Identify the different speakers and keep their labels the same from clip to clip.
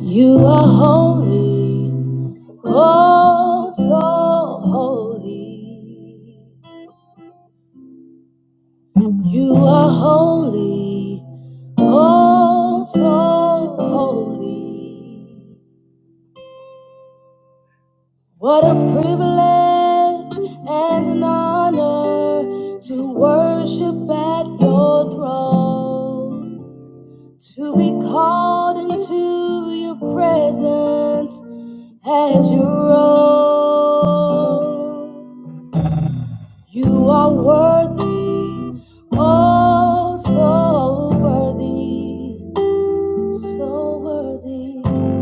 Speaker 1: You are holy, oh so holy. You are holy, oh so holy. What a privilege and an honor to worship at your throne, to be called into your presence as your own. You are worthy, oh, so worthy, so worthy.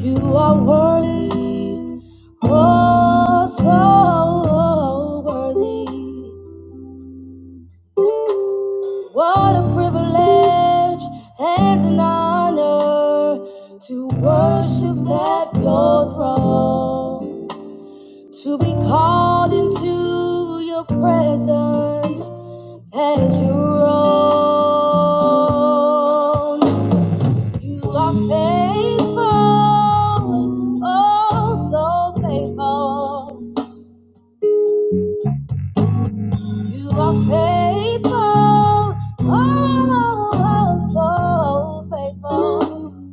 Speaker 1: You are worthy, oh, so worthy. What a privilege and an honor to worship at your throne, to be called into your presence As you're own. You are faithful, oh so faithful. You are faithful, oh so faithful.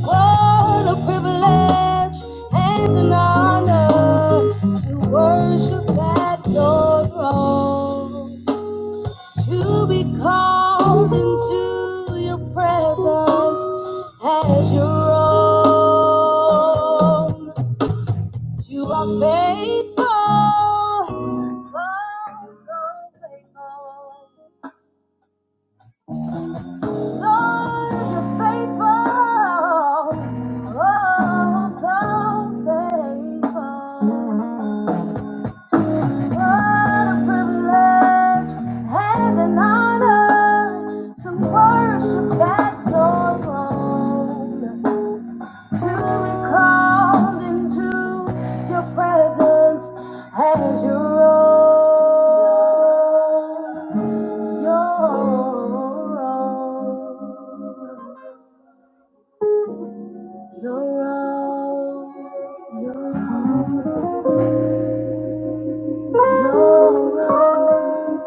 Speaker 1: What a privilege and an honor to worship at your throne. To be called into your presence as your own. You are faithful. Oh, so faithful. Lord, you're faithful. Oh, so faithful. What a privilege and an honor to worship at your to be called into your presence as your own, your own, your own, your own, your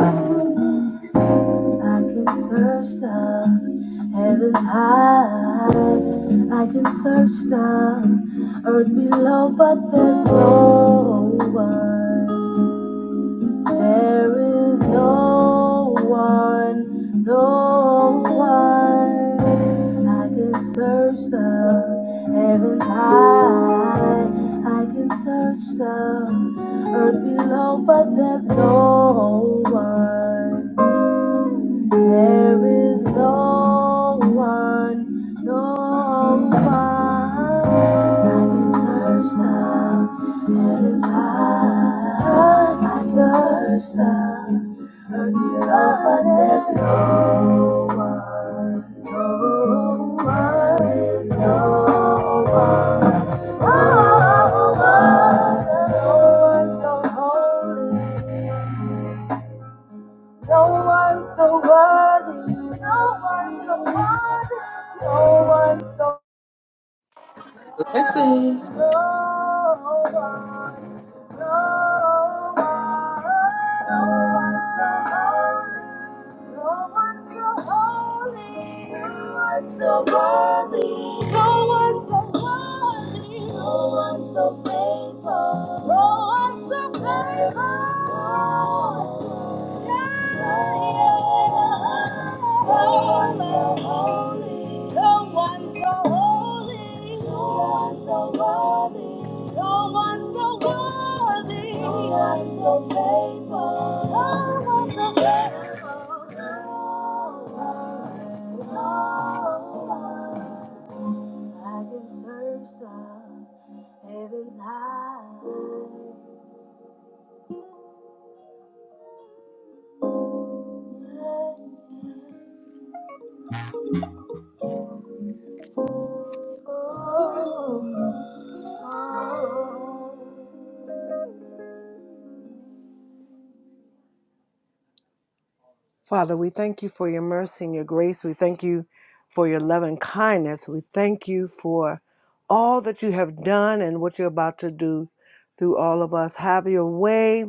Speaker 1: own. I can search the heavens high. I can search the earth below, but there's no one. There is no one, no one. I can search the heavens high. I can search the earth below, but there's no one. There is no one, no one that can search the heavens high. I can search the earth below. but There's no one, Oh, no one. There's no one, Oh, no one, no one so holy. No one so worthy. No one so worthy. No one so
Speaker 2: Blessing.
Speaker 1: worthy. No one. No one. No one so holy. No one's so holy, no one's so worthy, no one's so worthy, no one's so faithful, no one's so faithful. Yeah, yeah, yeah. No one's so holy, No one so holy, no one so worthy, no one so worthy, no one so faithful, no one so faithful. No one, no one. I can search the heavens high. Oh. Oh. Father, we thank you for your mercy and your grace. We thank you for your love and kindness. We thank you for all that you have done and what you're about to do through all of us. Have your way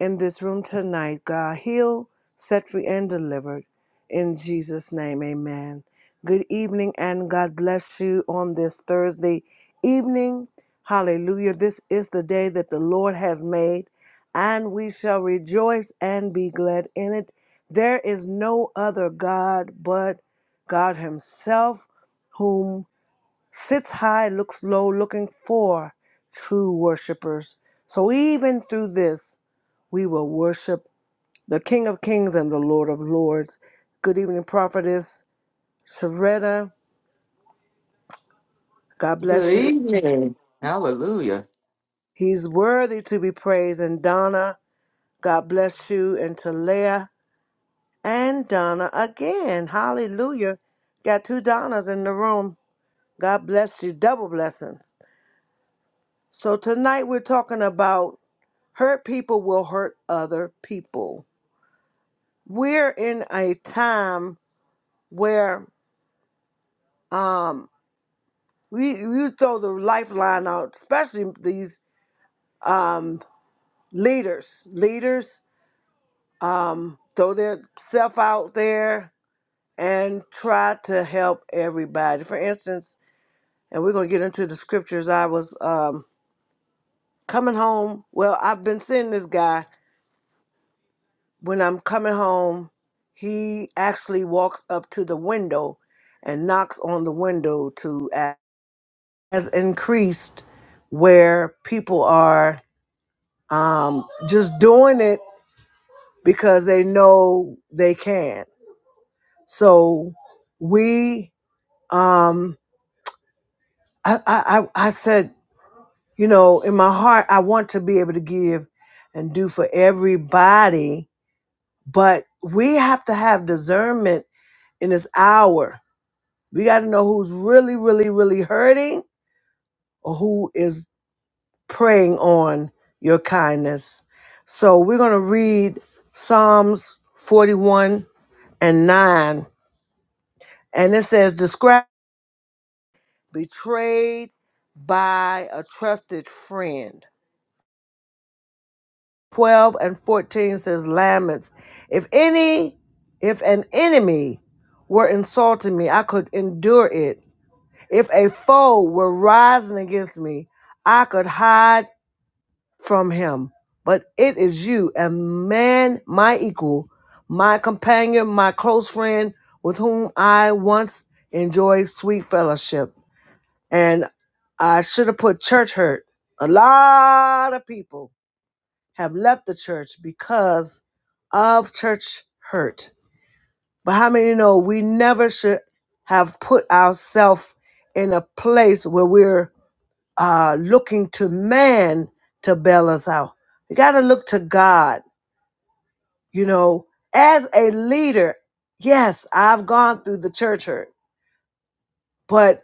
Speaker 1: in this room tonight, God. Heal, set free, and delivered. In Jesus' name, amen. Good evening, and God bless you on this Thursday evening. Hallelujah. This is the day that the Lord has made, and we shall rejoice and be glad in it. There is no other God but God Himself, whom sits high, looks low, looking for true worshipers. So even through this, we will worship the King of Kings and the Lord of Lords. Good evening, Prophetess Sharetta. God
Speaker 2: Good
Speaker 1: bless you.
Speaker 2: evening. Hallelujah.
Speaker 1: He's worthy to be praised. And Donna, God bless you. And Talia and Donna again. Hallelujah. Got two Donnas in the room. God bless you. Double blessings. So tonight we're talking about hurt people will hurt other people. We're in a time where um we you throw the lifeline out, especially these um leaders. Leaders um throw their self out there and try to help everybody. For instance, and we're gonna get into the scriptures. I was um coming home. Well, I've been seeing this guy. when I'm coming home, he actually walks up to the window and knocks on the window to ask. Has increased where people are um, just doing it because they know they can. So we, um, I, I, I I said, you know, in my heart, I want to be able to give and do for everybody, but we have to have discernment in this hour We got to know who's really, really, really hurting or who is preying on your kindness. So we're going to read Psalms 41 and 9. And it says, Describe betrayed by a trusted friend. 12 and 14 says, Laments. If any, if an enemy were insulting me, I could endure it. If a foe were rising against me, I could hide from him, but it is you, a man, my equal, my companion, my close friend, with whom I once enjoyed sweet fellowship. And I should have put church hurt. A lot of people have left the church because of church hurt. But how many know we never should have put ourselves in a place where we're uh, looking to man to bail us out. We got to look to God, you know, as a leader. Yes, I've gone through the church hurt, but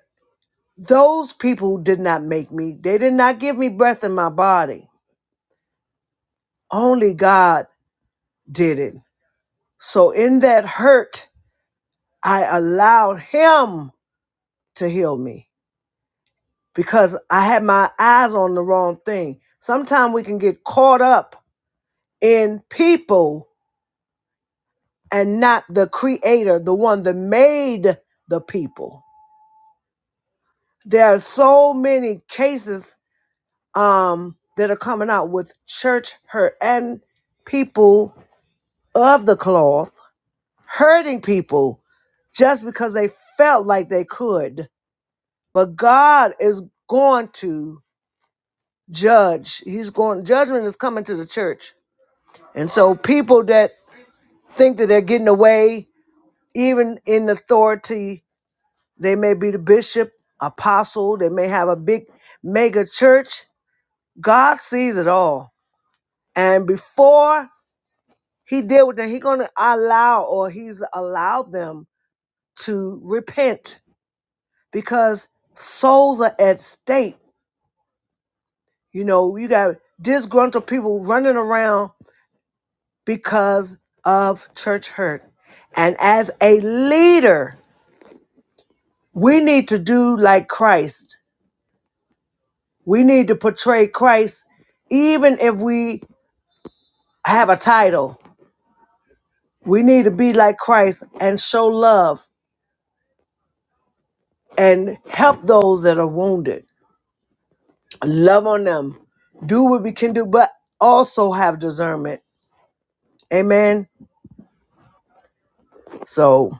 Speaker 1: those people did not make me. They did not give me breath in my body. Only God did it. So in that hurt, I allowed Him to heal me because I had my eyes on the wrong thing. Sometimes we can get caught up in people and not the creator, the one that made the people. There are so many cases um, that are coming out with church hurt and people of the cloth hurting people just because they felt like they could. But God is going to judge. He's going, judgment is coming to the church. And so people that think that they're getting away, even in authority, They may be the bishop, apostle, they may have a big mega church. God sees it all. And before he deal with them, he's gonna allow or he's allowed them to repent because souls are at stake. You know, you got disgruntled people running around because of church hurt. And as a leader, we need to do like Christ. We need to portray Christ even if we have a title. We need to be like Christ and show love and help those that are wounded. Love on them. Do what we can do, but also have discernment. Amen. So,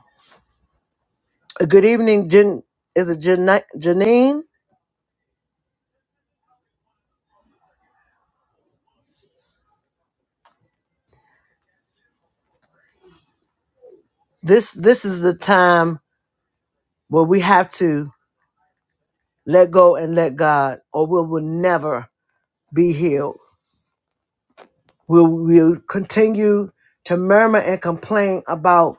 Speaker 1: a good evening, Jan- is it Jana- Janine? This this is the time where we have to let go and let God, or we will never be healed. We'll, we'll continue to murmur and complain about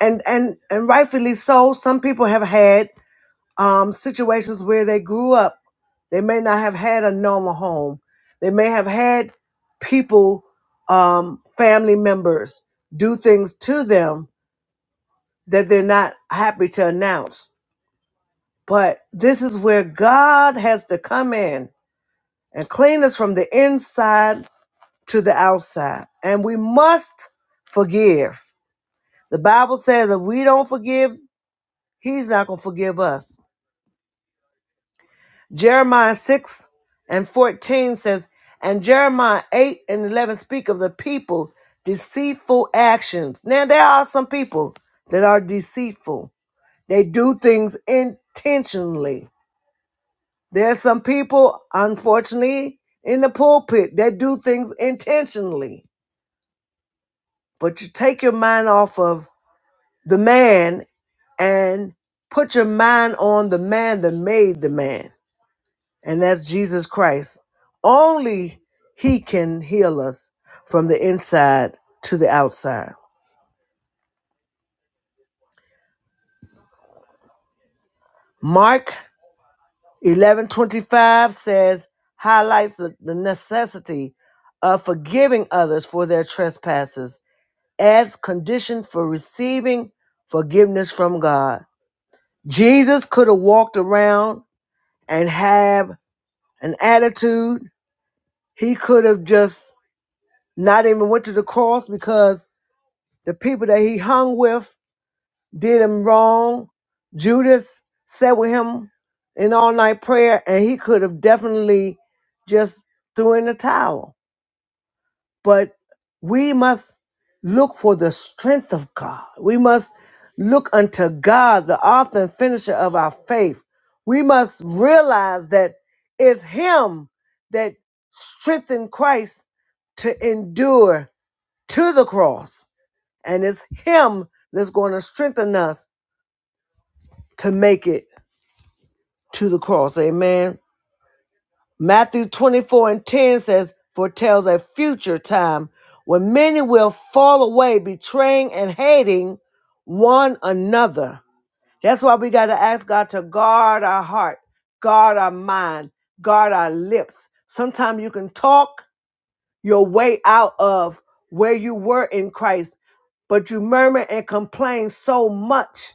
Speaker 1: and and and rightfully so some people have had um situations where they grew up they may not have had a normal home they may have had people um family members do things to them that they're not happy to announce but this is where god has to come in and clean us from the inside to the outside and we must forgive the bible says if we don't forgive he's not going to forgive us Jeremiah 6 and 14 says, And Jeremiah 8 and 11 speak of the people deceitful actions. Now, there are some people that are deceitful, they do things intentionally. There are some people, unfortunately, in the pulpit that do things intentionally. But you take your mind off of the man and put your mind on the man that made the man. and that's Jesus Christ. Only He can heal us from the inside to the outside. Mark 11 25 says, highlights the, the necessity of forgiving others for their trespasses as condition for receiving forgiveness from God. Jesus could have walked around and have an attitude. He could have just not even went to the cross because the people that he hung with did him wrong. Judas sat with him in all night prayer, and he could have definitely just threw in the towel. But we must look for the strength of God. We must look unto God, the author and finisher of our faith. We must realize that it's Him that strengthened Christ to endure to the cross. And it's Him that's going to strengthen us to make it to the cross. Amen. Matthew 24 and 10 says, foretells a future time when many will fall away, betraying and hating one another. That's why we got to ask God to guard our heart, guard our mind, guard our lips. Sometimes you can talk your way out of where you were in Christ, but you murmur and complain so much.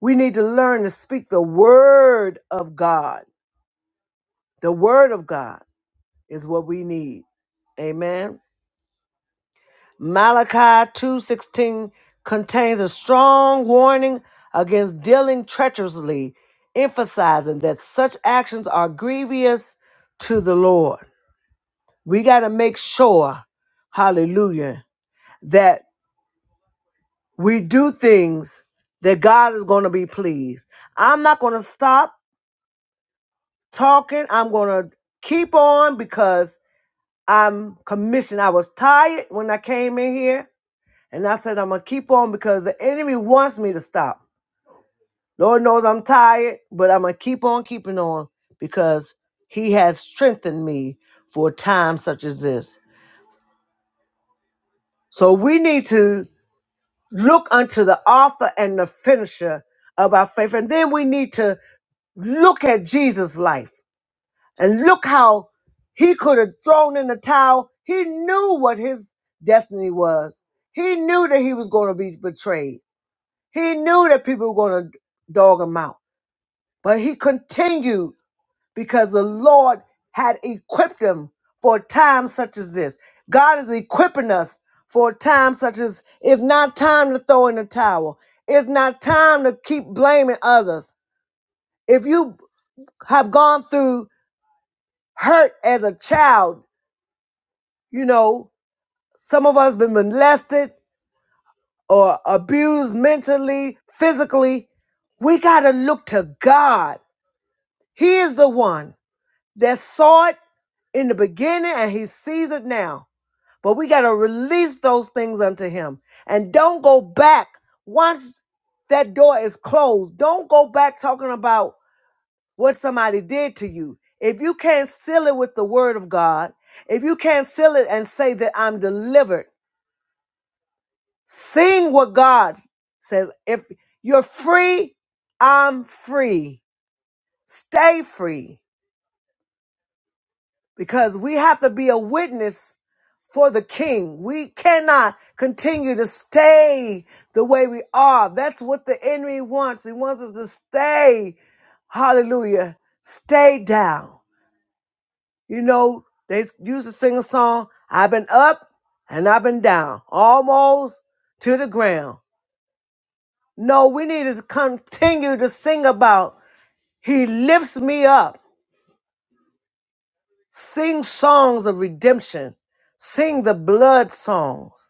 Speaker 1: We need to learn to speak the word of God, the word of God is what we need. Amen. Malachi 2:16 contains a strong warning against dealing treacherously, emphasizing that such actions are grievous to the Lord. We got to make sure, hallelujah, that we do things that God is going to be pleased. I'm not going to stop talking. I'm going to keep on because I'm commissioned. I was tired when I came in here. And I said, I'm going to keep on because the enemy wants me to stop. Lord knows I'm tired, but I'm going to keep on keeping on because he has strengthened me for a time such as this. So we need to look unto the author and the finisher of our faith. And then we need to look at Jesus' life and look how he could have thrown in the towel. He knew what his destiny was, he knew that he was going to be betrayed. He knew that people were going to dog him out, but he continued because the Lord had equipped him for a time such as this. God is equipping us for a time such as it's not time to throw in the towel. It's not time to keep blaming others. If you have gone through hurt as a child, you know, some of us been molested or abused mentally, physically, we got to look to God He is the one that saw it in the beginning and he sees it now. But we got to release those things unto him and don't go back once that door is closed. Don't go back talking about what somebody did to you. If you can't seal it with the word of God, if you can't seal it and say that I'm delivered, sing what God says. If you're free, I'm free. Stay free. because we have to be a witness for the king. We cannot continue to stay the way we are. That's what the enemy wants. He wants us to stay. Hallelujah. Stay down. You know, they used to sing a song, I've been up and I've been down, almost to the ground. No, we need to continue to sing about He lifts me up. Sing songs of redemption. Sing the blood songs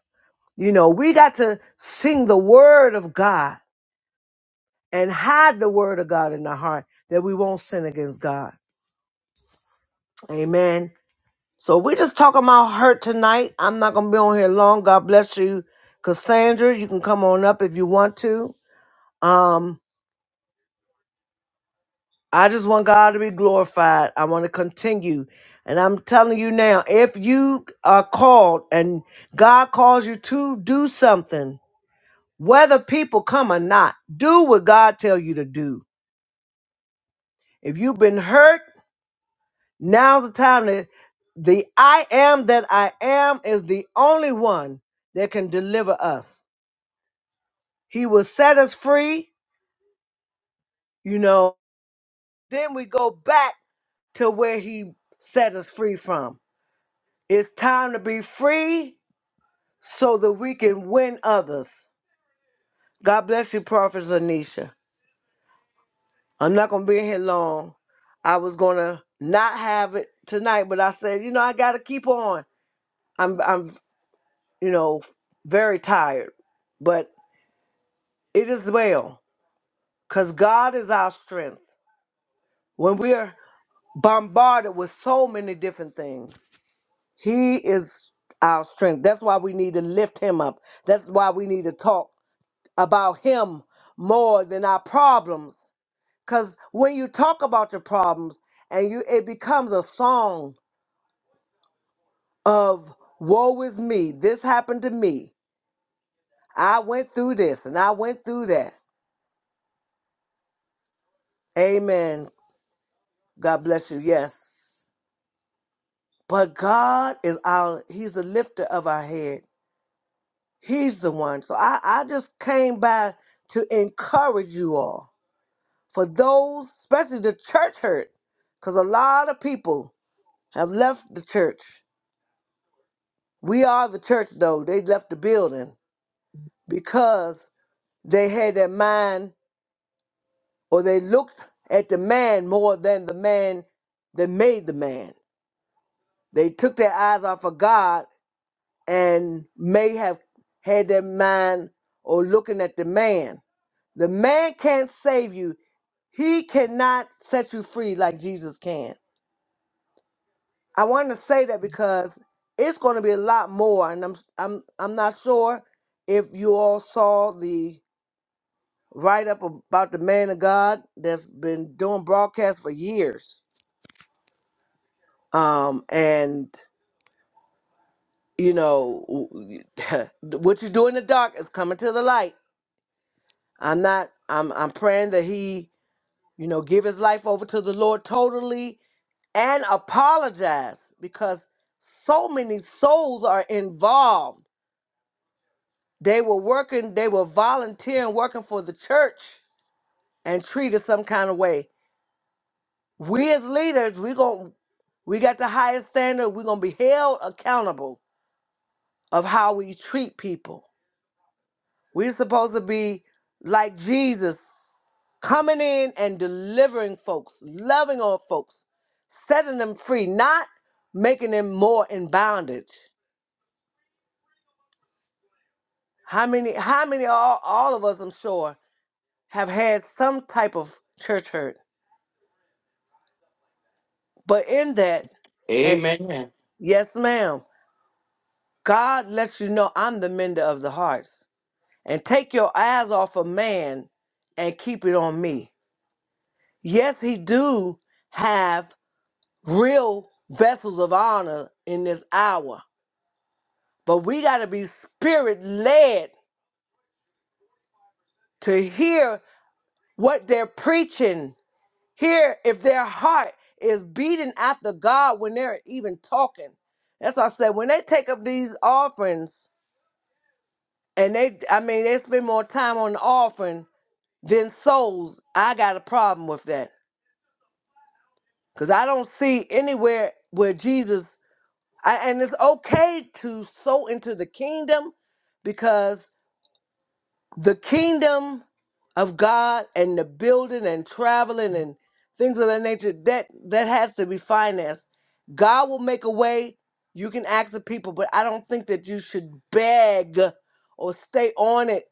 Speaker 1: You know, we got to sing the word of God and hide the word of God in our heart that we won't sin against God. Amen. So we're just talking about hurt tonight. I'm not gonna be on here long. God bless you, Cassandra. You can come on up if you want to. Um, I just want God to be glorified. I want to continue. And I'm telling you now, if you are called and God calls you to do something, whether people come or not, do what God tell you to do If you've been hurt, now's the time that the I am that I am is the only one that can deliver us. He will set us free, you know. Then we go back to where he set us free from. It's time to be free so that we can win others. God bless you, Prophet Zanisha. I'm not going to be in here long. I was going to not have it tonight, but I said, you know, I got to keep on. I'm. I'm you know, very tired, but it is well because God is our strength. When we are bombarded with so many different things, He is our strength. That's why we need to lift Him up. That's why we need to talk about Him more than our problems. Because when you talk about your problems and you, it becomes a song of woe is me, this happened to me. I went through this and I went through that. Amen. God bless you. Yes. But God is our, He's the lifter of our head. He's the one. So I, I just came by to encourage you all for those, especially the church hurt, because a lot of people have left the church. We are the church, though. They left the building because they had their mind or they looked at the man more than the man that made the man. They took their eyes off of God and may have had their mind or looking at the man. The man can't save you. He cannot set you free like Jesus can. I want to say that because it's going to be a lot more, and I'm I'm I'm not sure if you all saw the write up about the man of God that's been doing broadcasts for years. Um, and you know what you do in the dark is coming to the light I'm not I'm I'm praying that he, you know, give his life over to the Lord totally and apologize because so many souls are involved. They were working, they were volunteering, working for the church and treated some kind of way. We as leaders, we going we got the highest standard. We're gonna be held accountable of how we treat people. We're supposed to be like Jesus coming in and delivering folks, loving on folks, setting them free, not making them more in bondage. How many how many all, all of us I'm sure have had some type of church hurt. But in that and
Speaker 2: Amen.
Speaker 1: yes ma'am, God lets you know I'm the mender of the hearts. And take your eyes off of man and keep it on me. Yes, he do have real vessels of honor in this hour But we got to be spirit led to hear what they're preaching, hear if their heart is beating after God when they're even talking. That's why I said when they take up these offerings and they, I mean, they spend more time on the offering than souls. I got a problem with that because I don't see anywhere where Jesus. I, and it's okay to sow into the kingdom because. the kingdom of God and the building and traveling and things of that nature that that has to be financed. God will make a way. You can ask the people, but I don't think that you should beg or stay on it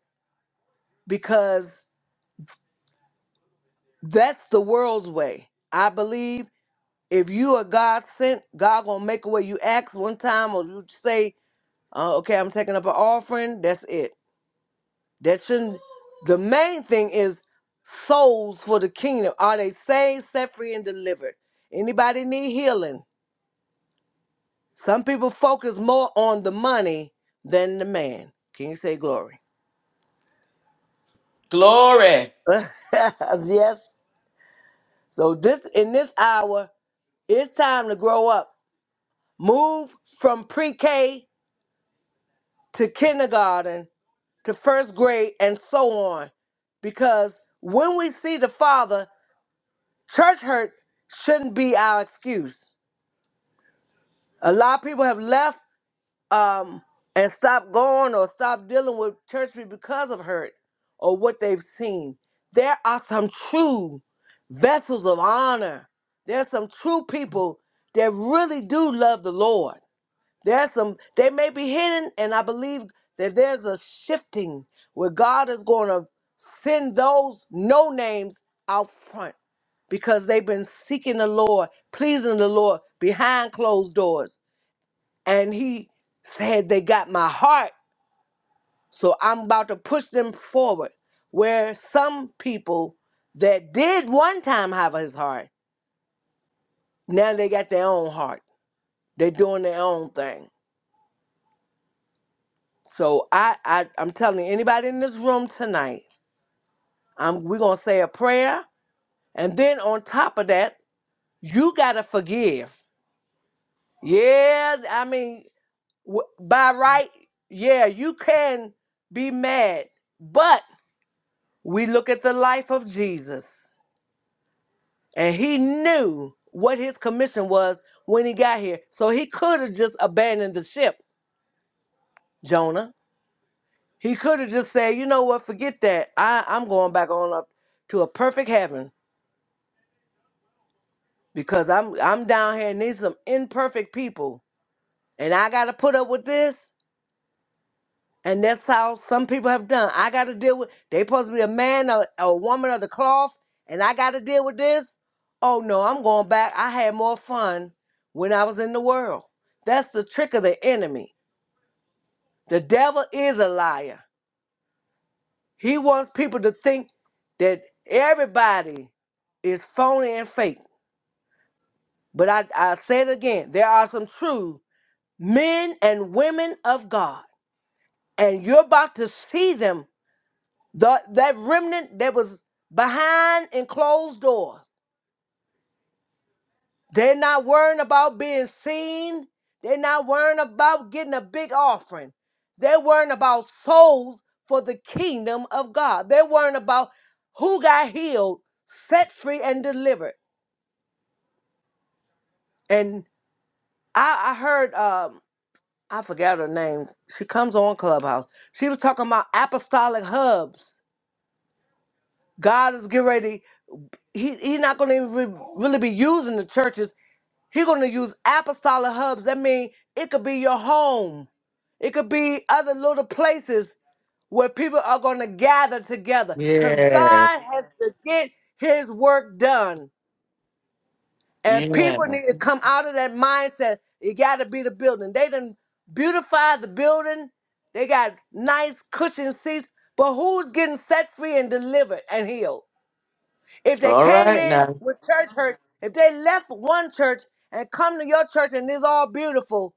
Speaker 1: because that's the world's way. I believe if you are God sent, God gonna make a way. You ask one time or you say, uh, "Okay, I'm taking up an offering." That's it. That shouldn't. The main thing is souls for the kingdom. Are they saved, set free, and delivered? Anybody need healing? Some people focus more on the money than the man. Can you say glory?
Speaker 2: Glory.
Speaker 1: yes. So this in this hour, it's time to grow up. Move from pre-K to kindergarten to first grade and so on. Because when we see the Father, church hurt shouldn't be our excuse. A lot of people have left um, and stopped going or stopped dealing with church because of hurt or what they've seen. There are some true vessels of honor. There's some true people that really do love the Lord. There's some they may be hidden, and I believe that there's a shifting where God is going to send those no names out front because they've been seeking the Lord, pleasing the Lord behind closed doors and he said they got my heart so i'm about to push them forward where some people that did one time have his heart now they got their own heart they're doing their own thing so i, I i'm telling you, anybody in this room tonight I'm, we're going to say a prayer and then on top of that you got to forgive yeah i mean w- by right yeah you can be mad but We look at the life of Jesus, and he knew what his commission was when he got here. So he could have just abandoned the ship, Jonah. He could have just said, "You know what? Forget that. I, I'm going back on up to a perfect heaven because I'm I'm down here and these some imperfect people, and I got to put up with this. And that's how some people have done. I got to deal with, they supposed to be a man or a woman of the cloth, and I got to deal with this. Oh no, I'm going back. I had more fun when I was in the world. That's the trick of the enemy. The devil is a liar. He wants people to think that everybody is phony and fake. But I, I say it again there are some true men and women of God, and you're about to see them The, that remnant that was behind in closed doors. They're not worrying about being seen. They're not worrying about getting a big offering. They're worrying about souls for the kingdom of God. They're worrying about who got healed, set free, and delivered. And I, I heard, um, I forgot her name. She comes on Clubhouse. She was talking about apostolic hubs. God is getting ready. He, he's not going to even really be using the churches. He's going to use apostolic hubs. That means it could be your home. It could be other little places where people are going to gather together because
Speaker 2: Yeah.
Speaker 1: God has to get his work done. And
Speaker 2: Yeah.
Speaker 1: people need to come out of that mindset. It got to be the building. They done beautify the building. They got nice cushioned seats. But who's getting set free and delivered and healed? If they
Speaker 2: All
Speaker 1: came
Speaker 2: right
Speaker 1: in
Speaker 2: now.
Speaker 1: with church hurt, if they left one church and come to your church and it's all beautiful,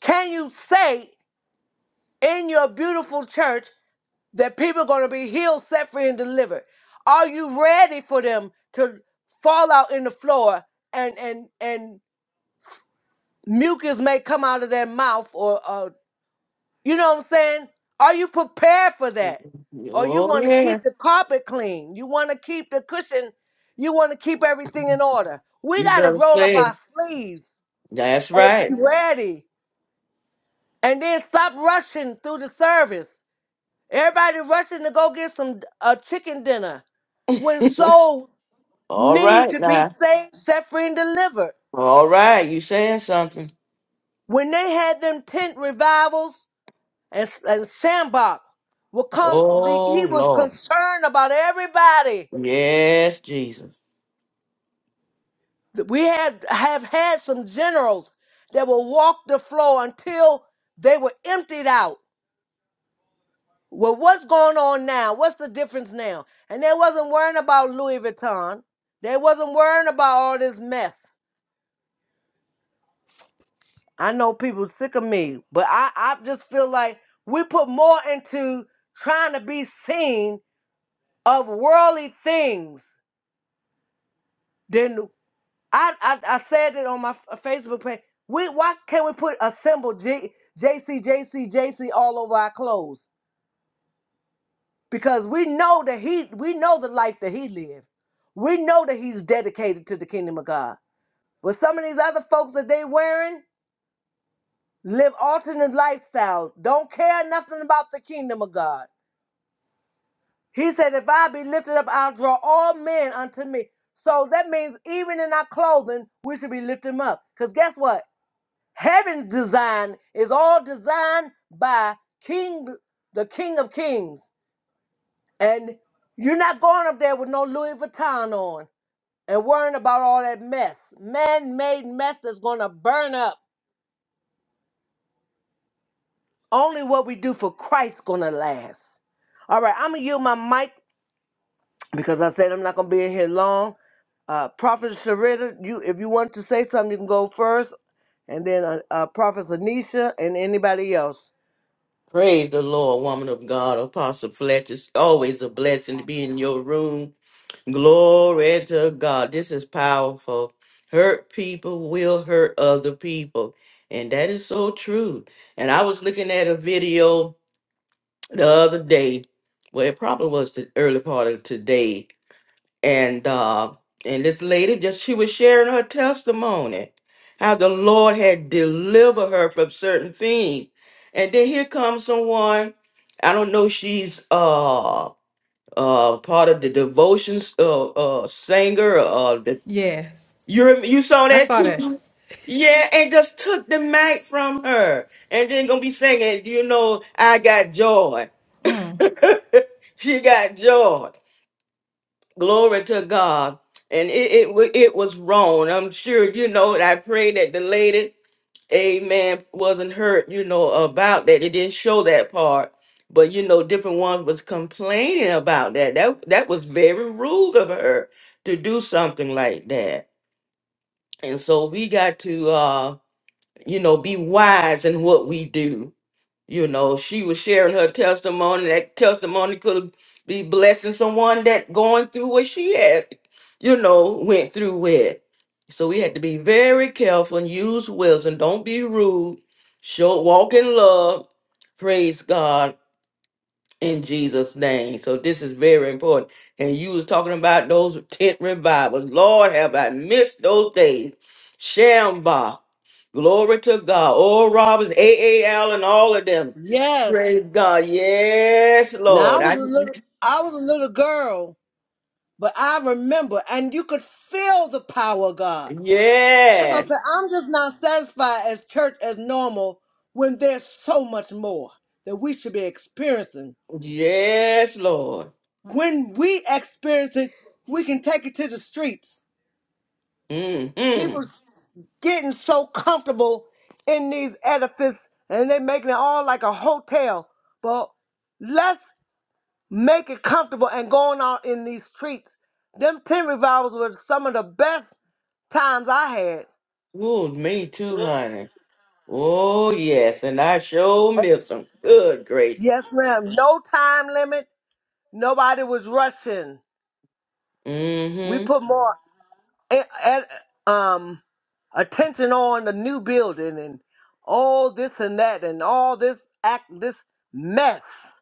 Speaker 1: can you say in your beautiful church that people are going to be healed, set free, and delivered? Are you ready for them to fall out in the floor and and and mucus may come out of their mouth or You know what I'm saying? Are you prepared for that? Or you
Speaker 2: Oh
Speaker 1: want to
Speaker 2: yeah.
Speaker 1: keep the carpet clean? You want to keep the cushion? You want to keep everything in order? We
Speaker 2: You
Speaker 1: got to
Speaker 2: better
Speaker 1: roll up
Speaker 2: say it.
Speaker 1: our sleeves
Speaker 2: That's
Speaker 1: and
Speaker 2: right.
Speaker 1: be ready. And then stop rushing through the service. Everybody rushing to go get some a chicken dinner when souls
Speaker 2: All
Speaker 1: need
Speaker 2: right
Speaker 1: to be
Speaker 2: now.
Speaker 1: saved, set free, and delivered.
Speaker 2: All right. You saying something?
Speaker 1: When they had them tent revivals, And, and Shambach will come. The,
Speaker 2: Oh
Speaker 1: he was
Speaker 2: Lord.
Speaker 1: concerned about everybody.
Speaker 2: Yes, Jesus.
Speaker 1: We had have had some generals that will walk the floor until they were emptied out. Well, what's going on now? What's the difference now? And they wasn't worrying about Louis Vuitton. They wasn't worrying about all this mess. I know people sick of me, but I, I just feel like we put more into trying to be seen of worldly things than. I, I I said it on my f- Facebook page. We why can't we put a symbol J, JC JC JC all over our clothes? Because we know that he we know the life that he lived. We know that he's dedicated to the kingdom of God. But some of these other folks that they wearing live alternate lifestyles, don't care nothing about the kingdom of God. He said, if I be lifted up, I'll draw all men unto me. So that means even in our clothing, we should be lifting up. Because guess what? Heaven's design is all designed by King, the King of Kings. And you're not going up there with no Louis Vuitton on and worrying about all that mess, man-made mess that's gonna burn up. Only what we do for Christ's gonna last. All right, I'm gonna yield my mic because I said I'm not gonna be in here long. Uh, Prophet Sharita, you if you want to say something, you can go first, and then uh, uh, Prophet Anisha and anybody else.
Speaker 2: Praise the Lord, woman of God. Apostle Fletcher's always a blessing to be in your room. Glory to God. This is powerful. Hurt people will hurt other people. And that is so true. And I was looking at a video the other day. Well, it probably was the early part of today. And uh and this lady just she was sharing her testimony. How the Lord had delivered her from certain things. And then here comes someone, I don't know, she's uh uh part of the devotions uh uh singer uh the
Speaker 3: Yeah,
Speaker 2: you rem- you saw
Speaker 3: I
Speaker 2: that
Speaker 3: saw
Speaker 2: too
Speaker 3: that.
Speaker 2: yeah and just took the mic from her and then gonna be singing you know i got joy she got joy glory to god and it it, wa- it was wrong i'm sure you know i pray that the lady amen wasn't hurt you know about that it didn't show that part but you know different ones was complaining about that that that was very rude of her to do something like that and so we got to uh you know be wise in what we do you know, she was sharing her testimony. That testimony could be blessing someone that going through what she had, you know, went through with. So we had to be very careful and use wisdom. Don't be rude. Show walk in love. Praise God in Jesus' name. So this is very important. And you was talking about those tent revivals. Lord, have I missed those days? Shamba, glory to God. Oral Roberts, A. A. Allen, all of them.
Speaker 1: Yes.
Speaker 2: Praise God. Yes,
Speaker 1: Now I
Speaker 2: Lord.
Speaker 1: was
Speaker 2: I,
Speaker 1: a little I was a little girl, but I remember and you could feel the power of God. As I
Speaker 2: yes,
Speaker 1: said, I'm just not satisfied as church as normal when there's so much more that we should be experiencing.
Speaker 2: yes, Lord.
Speaker 1: When we experience it, we can take it to the streets.
Speaker 2: Mm-hmm.
Speaker 1: People getting so comfortable in these edifices and they making it all like a hotel. But let's make it comfortable and going out in these streets. Them tent revivals were some of the best times I had.
Speaker 2: Ooh, me too, honey. Oh, yes. And I sure miss them. Good gracious.
Speaker 1: Yes, ma'am. No time limit. Nobody was rushing. We
Speaker 2: Mm-hmm.
Speaker 1: put more a- a- um, attention on the new building and all this and that and all this act this mess.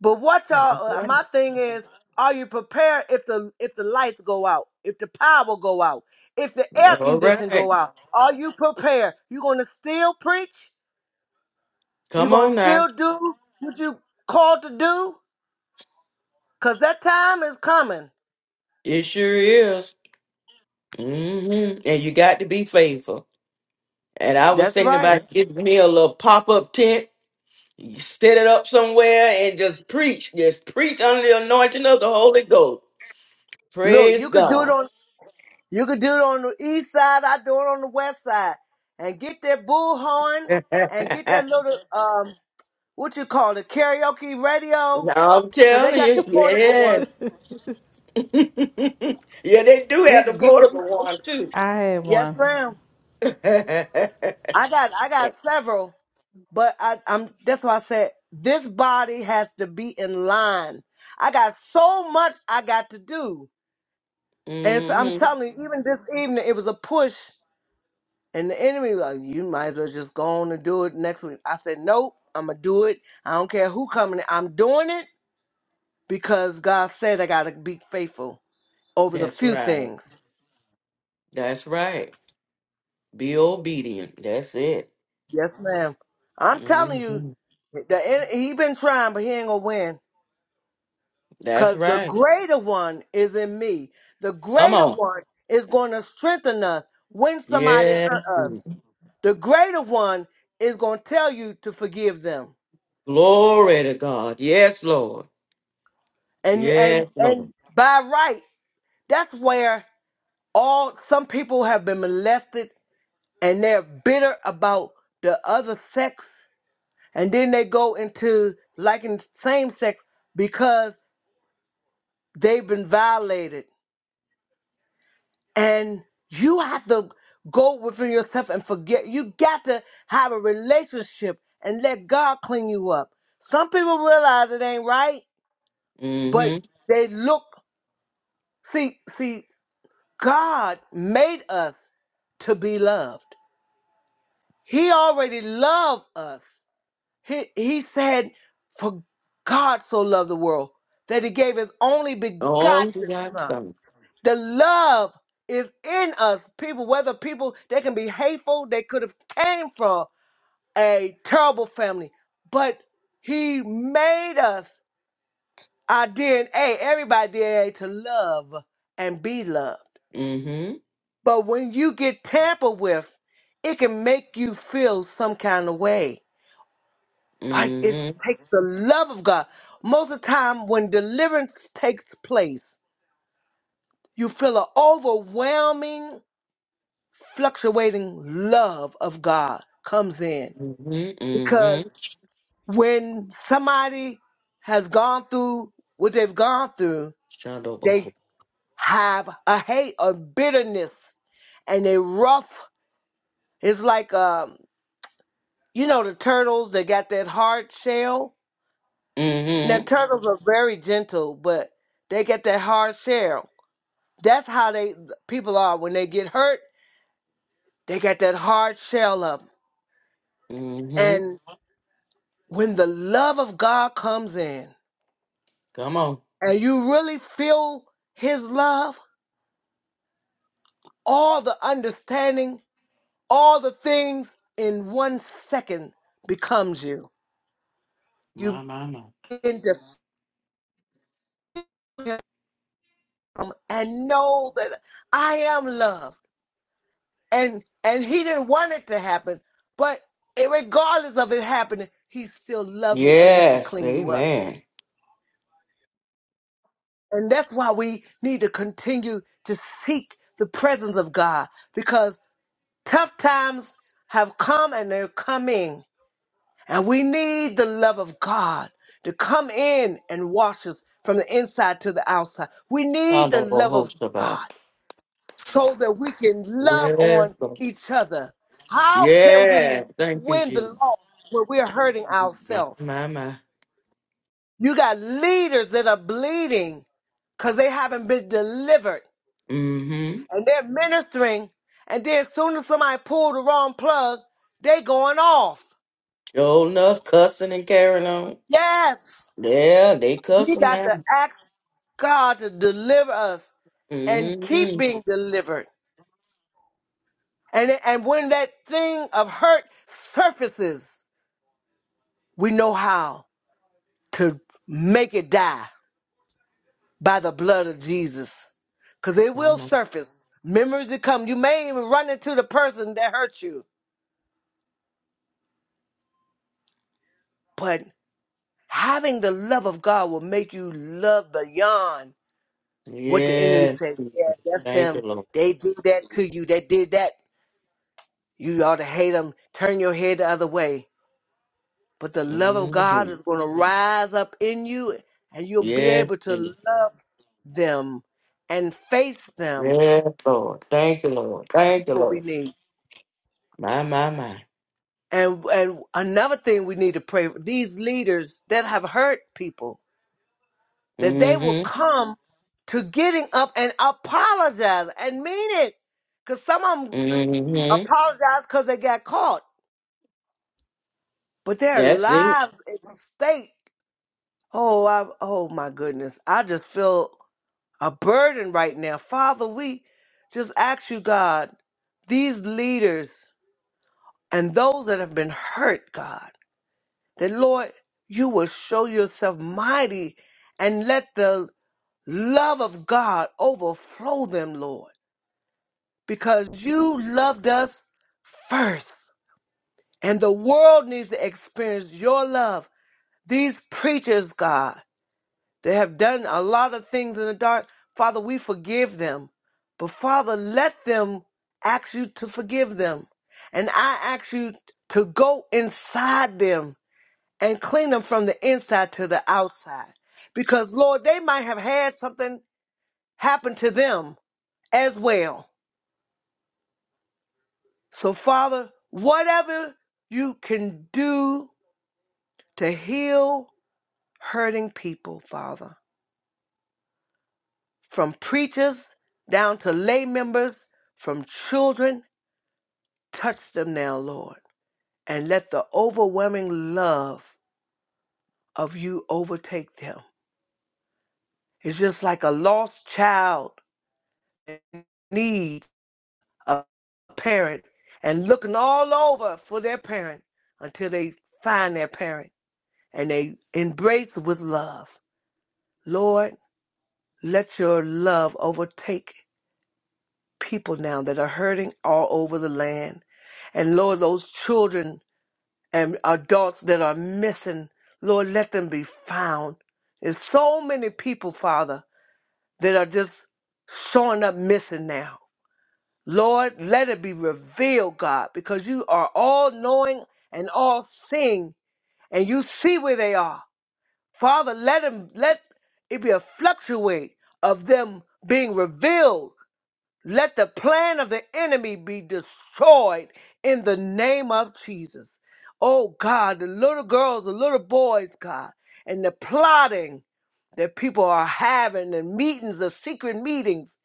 Speaker 1: But what
Speaker 2: That's
Speaker 1: y'all? uh, My
Speaker 2: right.
Speaker 1: thing is, are you prepared if the if the lights go out, if the power go out, if the air
Speaker 2: All
Speaker 1: condition
Speaker 2: right.
Speaker 1: go out? Are you prepared? You gonna still preach? You
Speaker 2: Come
Speaker 1: gonna
Speaker 2: on now.
Speaker 1: still do what you called to do? Cause that time is coming.
Speaker 2: It sure is. hmm And you got to be faithful. And I was
Speaker 1: That's
Speaker 2: thinking
Speaker 1: right.
Speaker 2: about getting me a little pop up tent, you set it up somewhere and just preach. Just preach under the anointing of the Holy Ghost.
Speaker 1: Look,
Speaker 2: Praise
Speaker 1: you could do it
Speaker 2: God.
Speaker 1: on you could do it on the east side. I do it on the west side, and get that bullhorn
Speaker 2: I'm
Speaker 1: and get that little um what you call it karaoke radio, cause they
Speaker 2: telling
Speaker 1: got the
Speaker 2: you,
Speaker 1: portable
Speaker 2: yes.
Speaker 1: ones.
Speaker 2: yeah, they do have the
Speaker 1: Get get the
Speaker 2: portable one too.
Speaker 3: I had
Speaker 1: yes,
Speaker 3: one.
Speaker 1: ma'am. I got I got several, but I, I'm that's why I said this body has to be in line. I got so much I got to do, and so I'm
Speaker 2: hmm
Speaker 1: telling you, even this evening it was a push, and the enemy was like you might as well just go on and do it next week. I said nope, I'm gonna do it. I don't care who coming. in. I'm doing it because God said I gotta be faithful over the
Speaker 2: That's
Speaker 1: few
Speaker 2: right.
Speaker 1: things.
Speaker 2: That's right. Be obedient. That's it.
Speaker 1: Yes, ma'am. I'm telling you,
Speaker 2: Mm-hmm.
Speaker 1: the en- he been trying, but he ain't gonna win.
Speaker 2: That's
Speaker 1: Because the
Speaker 2: right.
Speaker 1: greater one is in me. The
Speaker 2: Come
Speaker 1: greater
Speaker 2: on.
Speaker 1: one is going to strengthen us when somebody
Speaker 2: yes.
Speaker 1: hurt us. The greater one is going to tell you to forgive them.
Speaker 2: Glory to God. Yes, Lord.
Speaker 1: And you and
Speaker 2: Yes, Lord.
Speaker 1: and by right, that's where all some people have been molested and they're bitter about the other sex. And then they go into liking same sex because they've been violated. and you have to go within yourself and forget. You got to have a relationship and let God clean you up. Some people realize it ain't right, but
Speaker 2: Mm-hmm.
Speaker 1: they look see see God made us to be loved. He already loved us. He he said, "For God so loved the world that He gave His only begotten
Speaker 2: Only begotten
Speaker 1: Son."
Speaker 2: Son.
Speaker 1: The love is in us. People, whether people they can be hateful, they could have came from a terrible family, but he made us our DNA, everybody DNA to love and be loved.
Speaker 2: Mm-hmm.
Speaker 1: But when you get tampered with, it can make you feel some kind of way. But it
Speaker 2: Mm-hmm.
Speaker 1: takes the love of God. Most of the time when deliverance takes place, you feel an overwhelming fluctuating love of God comes in.
Speaker 2: Mm-hmm. Mm-hmm.
Speaker 1: Because when somebody has gone through what they've gone through, they
Speaker 2: Shadow
Speaker 1: have a hate or bitterness and they rough. It's like, um, you know, the turtles, they got that hard shell. Now,
Speaker 2: Mm-hmm.
Speaker 1: turtles are very gentle, but they get that hard shell. That's how they people are when they get hurt. They got that hard shell up.
Speaker 2: Mm-hmm.
Speaker 1: And when the love of God comes in,
Speaker 2: Come on.
Speaker 1: and you really feel his love, all the understanding, all the things in one second becomes you.
Speaker 2: My,
Speaker 1: You
Speaker 2: my, my.
Speaker 1: begin to feel him and know that I am loved. And and he didn't want it to happen, but it- regardless of it happening, he still loves you and he can
Speaker 2: Yes.
Speaker 1: clean you up.
Speaker 2: Amen.
Speaker 1: And that's why we need to continue to seek the presence of God because tough times have come and they're coming And we need the love of God to come in and wash us from the inside to the outside. We need the
Speaker 2: Shadow
Speaker 1: love of
Speaker 2: Bahoshaba.
Speaker 1: God so that we can love
Speaker 2: Yes,
Speaker 1: on
Speaker 2: Lord.
Speaker 1: each other. How can
Speaker 2: Yes.
Speaker 1: we
Speaker 2: Thank you,
Speaker 1: win
Speaker 2: Jesus.
Speaker 1: the loss when we're hurting
Speaker 2: My,
Speaker 1: ourselves?
Speaker 2: my, my.
Speaker 1: You got leaders that are bleeding because they haven't been delivered
Speaker 2: Mm-hmm.
Speaker 1: and they're ministering. And then as soon as somebody pulled the wrong plug, they going off.
Speaker 2: Showing enough cussing and carrying on.
Speaker 1: Yes.
Speaker 2: Yeah, they cuss
Speaker 1: We
Speaker 2: them
Speaker 1: got
Speaker 2: now.
Speaker 1: to ask God to deliver us and keep
Speaker 2: Mm-hmm.
Speaker 1: being delivered. And, and when that thing of hurt surfaces, we know how to make it die by the blood of Jesus. Because it
Speaker 2: Oh,
Speaker 1: will
Speaker 2: my-
Speaker 1: surface. Memories will come. You may even run into the person that hurt you. But having the love of God will make you love beyond what the enemy
Speaker 2: Yes,
Speaker 1: says. Yeah,
Speaker 2: Jesus.
Speaker 1: that's
Speaker 2: thank you,
Speaker 1: them.
Speaker 2: Lord.
Speaker 1: They did that to you. They did that. You ought to hate them, turn your head the other way. But the love of God
Speaker 2: Mm-hmm.
Speaker 1: is going to rise up in you, and you'll be able
Speaker 2: Yes,
Speaker 1: to
Speaker 2: Jesus.
Speaker 1: love them and face them.
Speaker 2: yes, Lord. Thank you, Lord. Thank
Speaker 1: That's
Speaker 2: you,
Speaker 1: what we
Speaker 2: Lord.
Speaker 1: need.
Speaker 2: My, my, my.
Speaker 1: And and another thing we need to pray for these leaders that have hurt people that they will
Speaker 2: Mm-hmm.
Speaker 1: come to getting up and apologize and mean it. Because some of them
Speaker 2: Mm-hmm.
Speaker 1: apologize because they got caught, but their
Speaker 2: That's it.
Speaker 1: lives is at stake Oh, I, oh my goodness. I just feel a burden right now. Father, we just ask you, God, these leaders and those that have been hurt, God, that Lord, you will show yourself mighty and let the love of God overflow them, Lord, because you loved us first. And the world needs to experience your love. These preachers, God, They have done a lot of things in the dark. Father, we forgive them. But Father, let them ask you to forgive them. And I ask you to go inside them and clean them from the inside to the outside. Because, Lord, they might have had something happen to them as well. So, Father, whatever you can do to heal hurting people, Father. from preachers down to lay members, from children. Touch them now, Lord, and let the overwhelming love of you overtake them. It's just like a lost child that needs a parent and looking all over for their parent until they find their parent and they embrace with love. Lord, let your love overtake people now that are hurting all over the land. And Lord, those children and adults that are missing, Lord, let them be found. There's so many people, Father, that are just showing up missing now. Lord, let it be revealed, God, because you are all knowing and all seeing, and you see where they are. Father, let them let it be a fluctuate of them being revealed let the plan of the enemy be destroyed in the name of Jesus. Oh God, the little girls, the little boys, God, and the plotting that people are having, and meetings, the secret meetings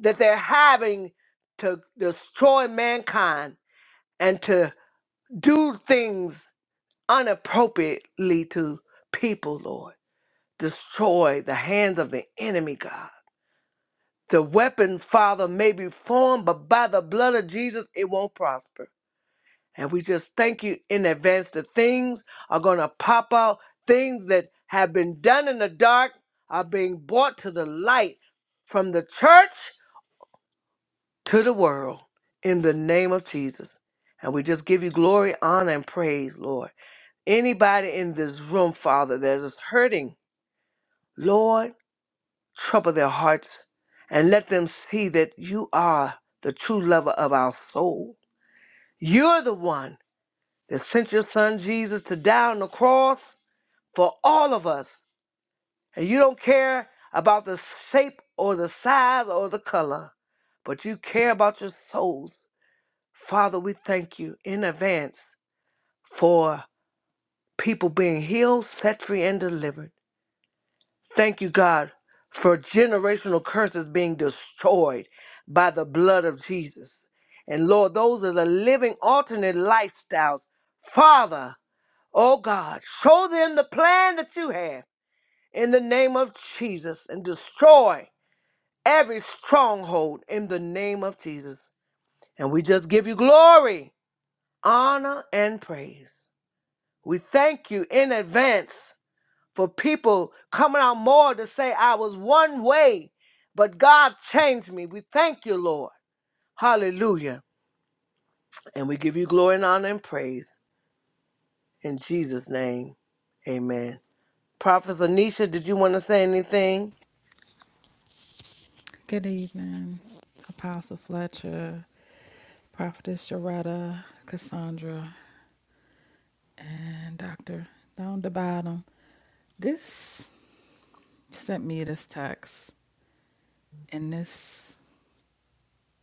Speaker 1: that they're having to destroy mankind and to do things unappropriately to people, Lord. Destroy the hands of the enemy, God the weapon, Father, may be formed, but by the blood of Jesus, it won't prosper. And we just thank you in advance that things are going to pop out. Things that have been done in the dark are being brought to the light from the church to the world in the name of Jesus. And we just give you glory, honor, and praise, Lord. Anybody in this room, Father, that is hurting, Lord. trouble their hearts, and let them see that you are the true lover of our soul. You're the one that sent your son Jesus to die on the cross for all of us. And you don't care about the shape or the size or the color, but you care about your souls. Father, we thank you in advance for people being healed, set free, and delivered. Thank you, God, for generational curses being destroyed by the blood of Jesus. And Lord, those that are living alternate lifestyles, Father, oh God, show them the plan that you have in the name of Jesus and destroy every stronghold in the name of Jesus. And we just give you glory, honor, and praise. We thank you in advance for people coming out more to say I was one way, but God changed me. We thank you, Lord. Hallelujah. And we give you glory and honor and praise. In Jesus' name, amen. Prophet Anisha, did you want to say anything?
Speaker 3: Good evening, Apostle Fletcher, Prophetess Sharetta, Cassandra, and Dr. Down the bottom. This sent me this text, and this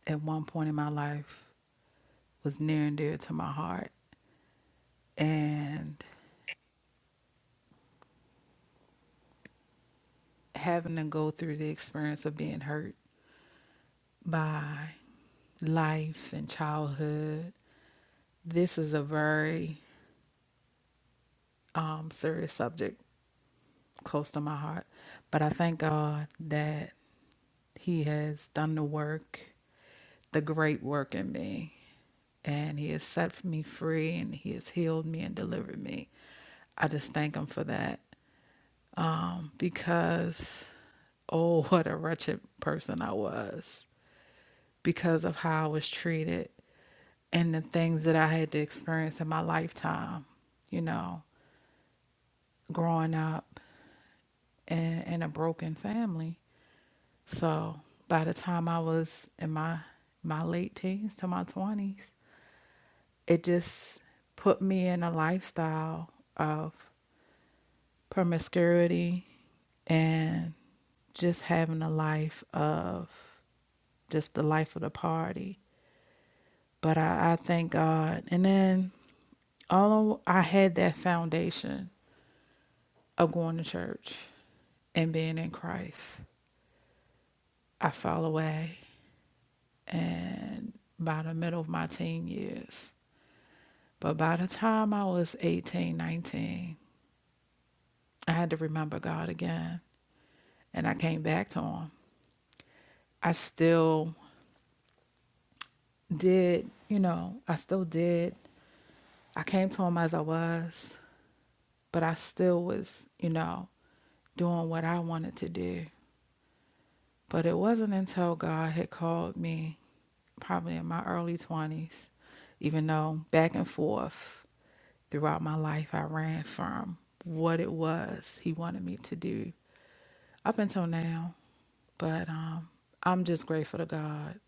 Speaker 3: at one point in my life was near and dear to my heart. And having to go through the experience of being hurt by life and childhood, this is a very um, serious subject close to my heart. But I thank God that He has done the work, the great work in me, and He has set me free and He has healed me and delivered me. I just thank Him for that um, because, oh, what a wretched person I was because of how I was treated and the things that I had to experience in my lifetime, you know, growing up in, in a broken family So by the time I was in my my late teens to my twenties, it just put me in a lifestyle of promiscuity and just having a life of just the life of the party. But I, I thank God. And then although I had that foundation of going to church and being in Christ, I fell away and by the middle of my teen years But by the time I was 18, 19, I had to remember God again. And I came back to Him. I still did, you know, I still did. I came to Him as I was, but I still was, you know, doing what I wanted to do. But it wasn't until God had called me, probably in my early 20s, even though back and forth throughout my life, I ran from what it was He wanted me to do up until now. But um, I'm just grateful to God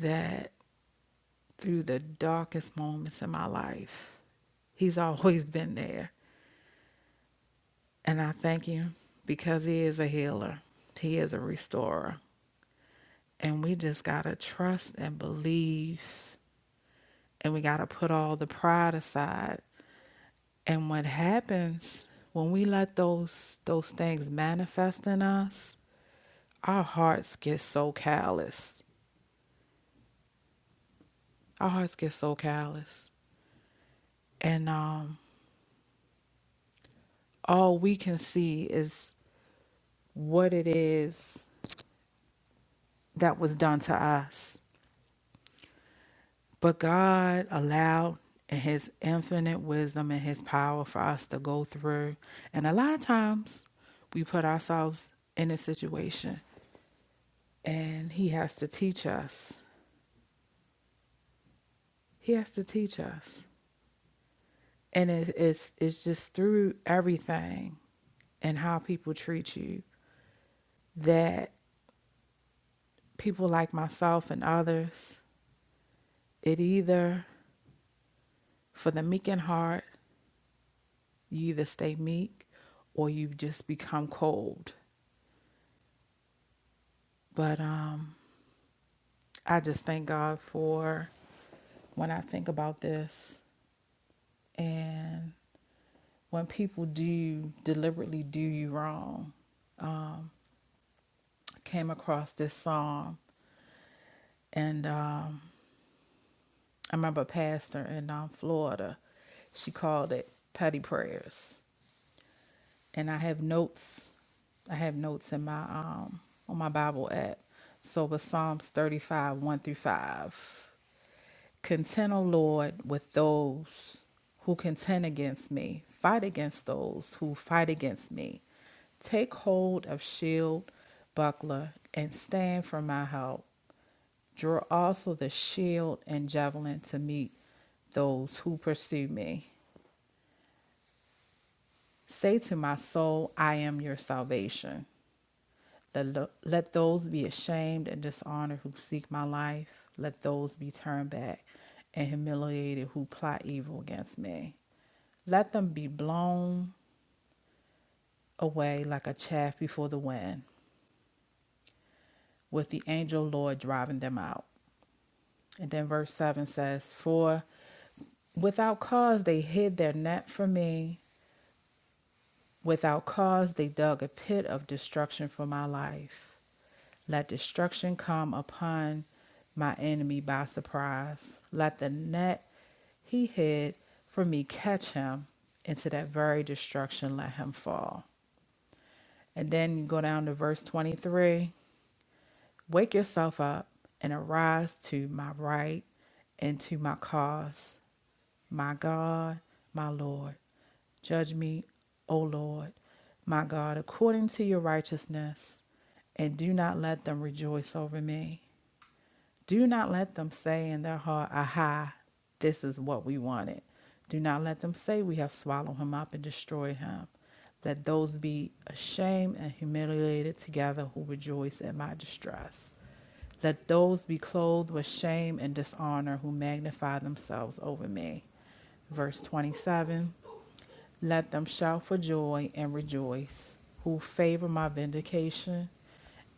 Speaker 3: that through the darkest moments in my life, He's always been there. And I thank Him because He is a healer, He is a restorer. And we just got to trust and believe, and we got to put all the pride aside. And what happens when we let those those things manifest in us, our hearts get so callous. Our hearts get so callous. And um, all we can see is what it is that was done to us. But God allowed in his infinite wisdom and his power for us to go through. And a lot of times we put ourselves in a situation and he has to teach us. He has to teach us. And it, it's it's just through everything and how people treat you that people like myself and others, it either For the meek in heart, you either stay meek or you just become cold. But um, I just thank God for when I think about this and when people do deliberately do you wrong. I came across this psalm, and um, I remember a pastor in um, Florida, she called it petty prayers. and I have notes. I have notes in my um on my Bible app. So with Psalms 35, 1 through 5. Contend, O Lord, with those who contend against me. Fight against those who fight against me. Take hold of shield, buckler, and stand for my help. Draw also the shield and javelin to meet those who pursue me. Say to my soul, I am your salvation. Let, let those be ashamed and dishonored who seek my life. Let those be turned back and humiliated who plot evil against me. Let them be blown away like a chaff before the wind, with the angel Lord driving them out. And then verse 7 says, For without cause they hid their net from me, without cause they dug a pit of destruction for my life. Let destruction come upon my enemy by surprise. Let the net he hid for me catch him into that very destruction. Let him fall. And then you go down to verse 23 Wake yourself up and arise to my right and to my cause, my God, my Lord. Judge me, O Lord, my God, according to your righteousness, and do not let them rejoice over me. Do not let them say in their heart, Aha, this is what we wanted. Do not let them say we have swallowed him up and destroyed him. Let those be ashamed and humiliated together who rejoice at my distress. Let those be clothed with shame and dishonor who magnify themselves over me. Verse 27 let them shout for joy and rejoice who favor my vindication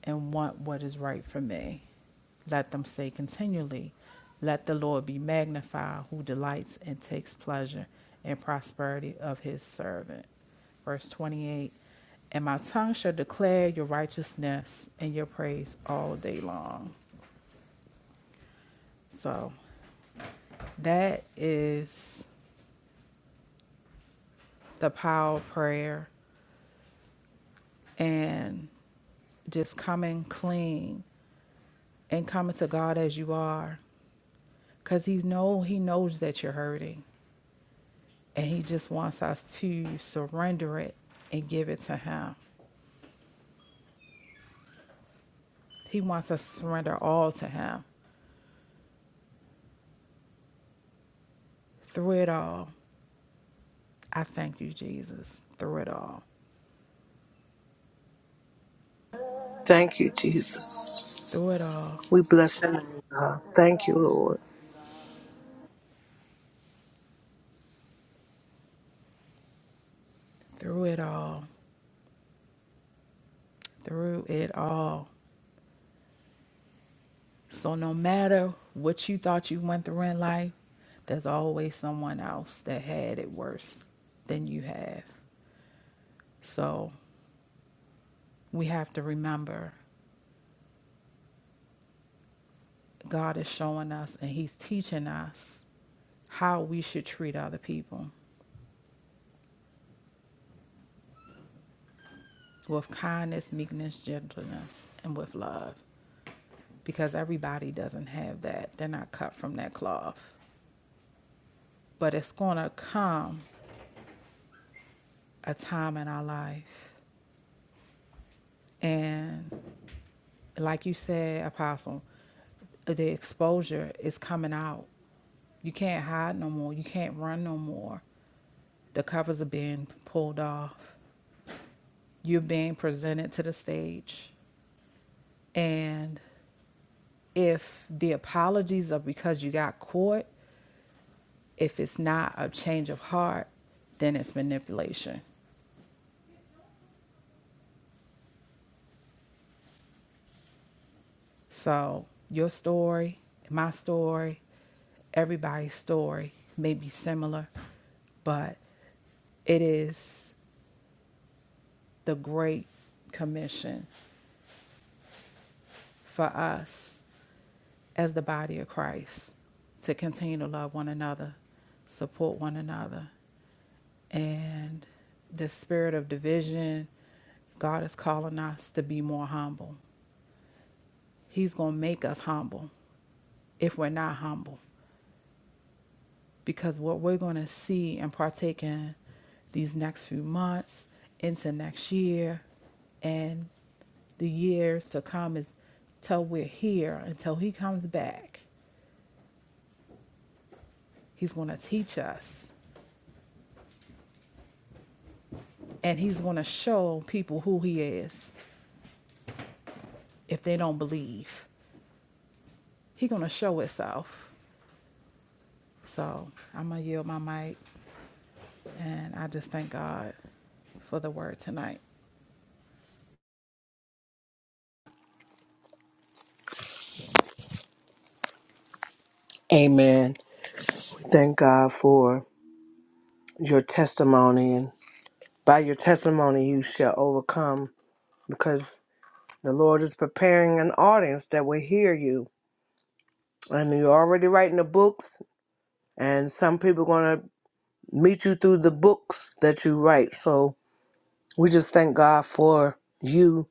Speaker 3: and want what is right for me. Let them say continually, Let the Lord be magnified who delights and takes pleasure in prosperity of his servant. Verse 28 And my tongue shall declare your righteousness and your praise all day long. So that is the power of prayer and just coming clean and coming to God as you are because he's know he knows that you're hurting and he just wants us to surrender it and give it to him. He wants us to surrender all to him. Through it all, I thank you Jesus. Through it all.
Speaker 1: Thank you, Jesus.
Speaker 3: Through it all.
Speaker 1: We bless your name, God. Thank you, Lord.
Speaker 3: Through it all. Through it all. So no matter what you thought you went through in life, there's always someone else that had it worse than you have. So we have to remember God is showing us and He's teaching us how we should treat other people with kindness, meekness, gentleness, and with love. Because everybody doesn't have that. They're not cut from that cloth. But it's going to come a time in our life. And like you said, Apostle, the exposure is coming out. You can't hide no more. You can't run no more. The covers are being pulled off. You're being presented to the stage. And if the apologies are because you got caught, if it's not a change of heart, then it's manipulation. So, your story, my story, everybody's story may be similar, but it is the great commission for us as the body of Christ to continue to love one another, support one another, and the spirit of division. God is calling us to be more humble. He's going to make us humble if we're not humble. Because what we're going to see and partake in these next few months into next year and the years to come is till we're here, until He comes back. He's going to teach us and He's going to show people who He is if they don't believe. He's going to show Himself. So I'm going to yield my mic and I just thank God for the word tonight.
Speaker 1: Amen. We Thank God for your testimony, and by your testimony, you shall overcome because the Lord is preparing an audience that will hear you. and you're already writing the books and some people going to meet you through the books that you write so we just thank god for you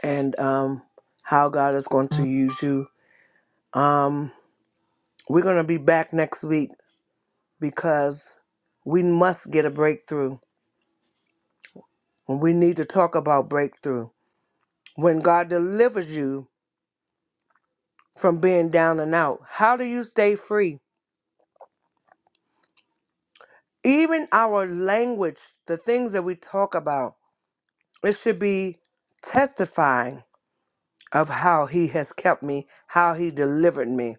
Speaker 1: and um, how god is going to use you um, we're going to be back next week because we must get a breakthrough and we need to talk about breakthrough when god delivers you from being down and out how do you stay free even our language the things that we talk about It should be testifying of how he has kept me, how he delivered me.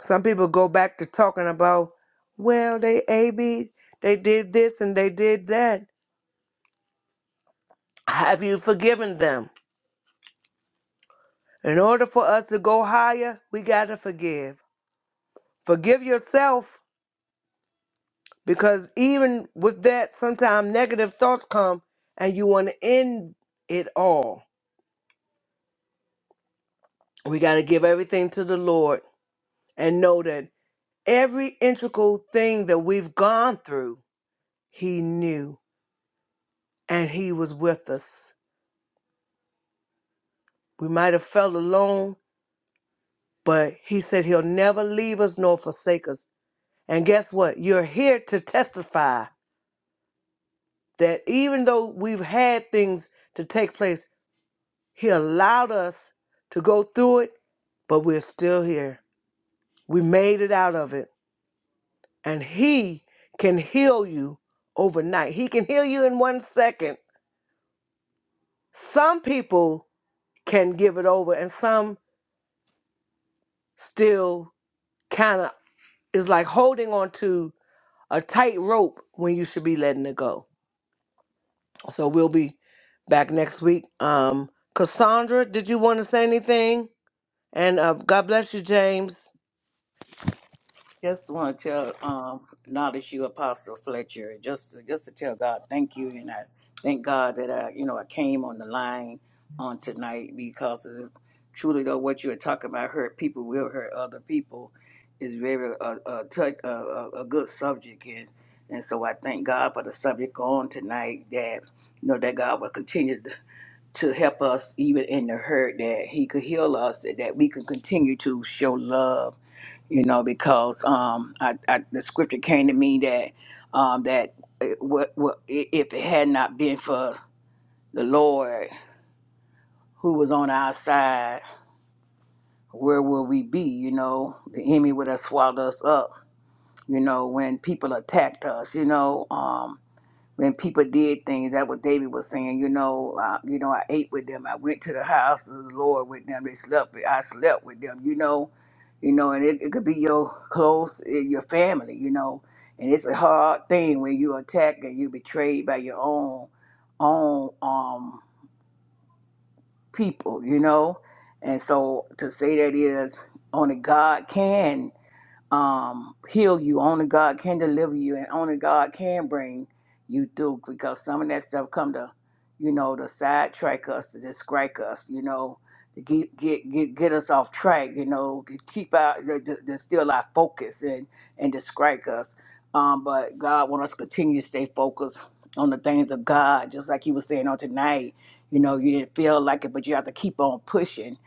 Speaker 1: Some people go back to talking about, well, they AB, they did this and they did that. Have you forgiven them? In order for us to go higher, we got to forgive. Forgive yourself because even with that, sometimes negative thoughts come and you want to end it all. We got to give everything to the Lord and know that. Every integral thing that we've gone through, He knew and He was with us. We might have felt alone, but He said He'll never leave us nor forsake us. And guess what? You're here to testify that even though we've had things to take place, He allowed us to go through it, but we're still here. We made it out of it. And He can heal you overnight, He can heal you in one second. Some people can give it over and some still kind of is like holding on to a tight rope when you should be letting it go so we'll be back next week um cassandra did you want to say anything and uh, god bless you james
Speaker 4: Just want to tell, um, acknowledge you, Apostle Fletcher. Just, to, just to tell God, thank you, and I thank God that I, you know, I came on the line on tonight because of, truly though what you were talking about hurt people will hurt other people is very a a, touch, a, a a good subject, and and so I thank God for the subject on tonight that you know that God will continue to to help us even in the hurt that He could heal us, that that we can continue to show love you know, because um, I, I, the scripture came to me that um, that it, what, what, i- if it had not been for the Lord who was on our side, where would we be? You know, the enemy would have swallowed us up. You know, when people attacked us, you know, Um, when people did things. That's what David was saying. You know, uh, you know, I ate with them. I went to the house of the Lord with them. They slept. I slept with them. You know, you know, and it, it could be your close, eh, your family. You know, and it's a hard thing when you attack and you betrayed by your own own um people. You know, and so to say that is only God can um, heal you. Only God can deliver you, and only God can bring you through. Because some of that stuff come to, you know, to sidetrack us, to distract us, you know, to get get get, get us off track, you know, to keep our to, to to steal our focus and and distract us. Um, but God wants us to continue to stay focused on the things of God, just like He was saying on tonight. You know, you didn't feel like it, but you have to keep on pushing,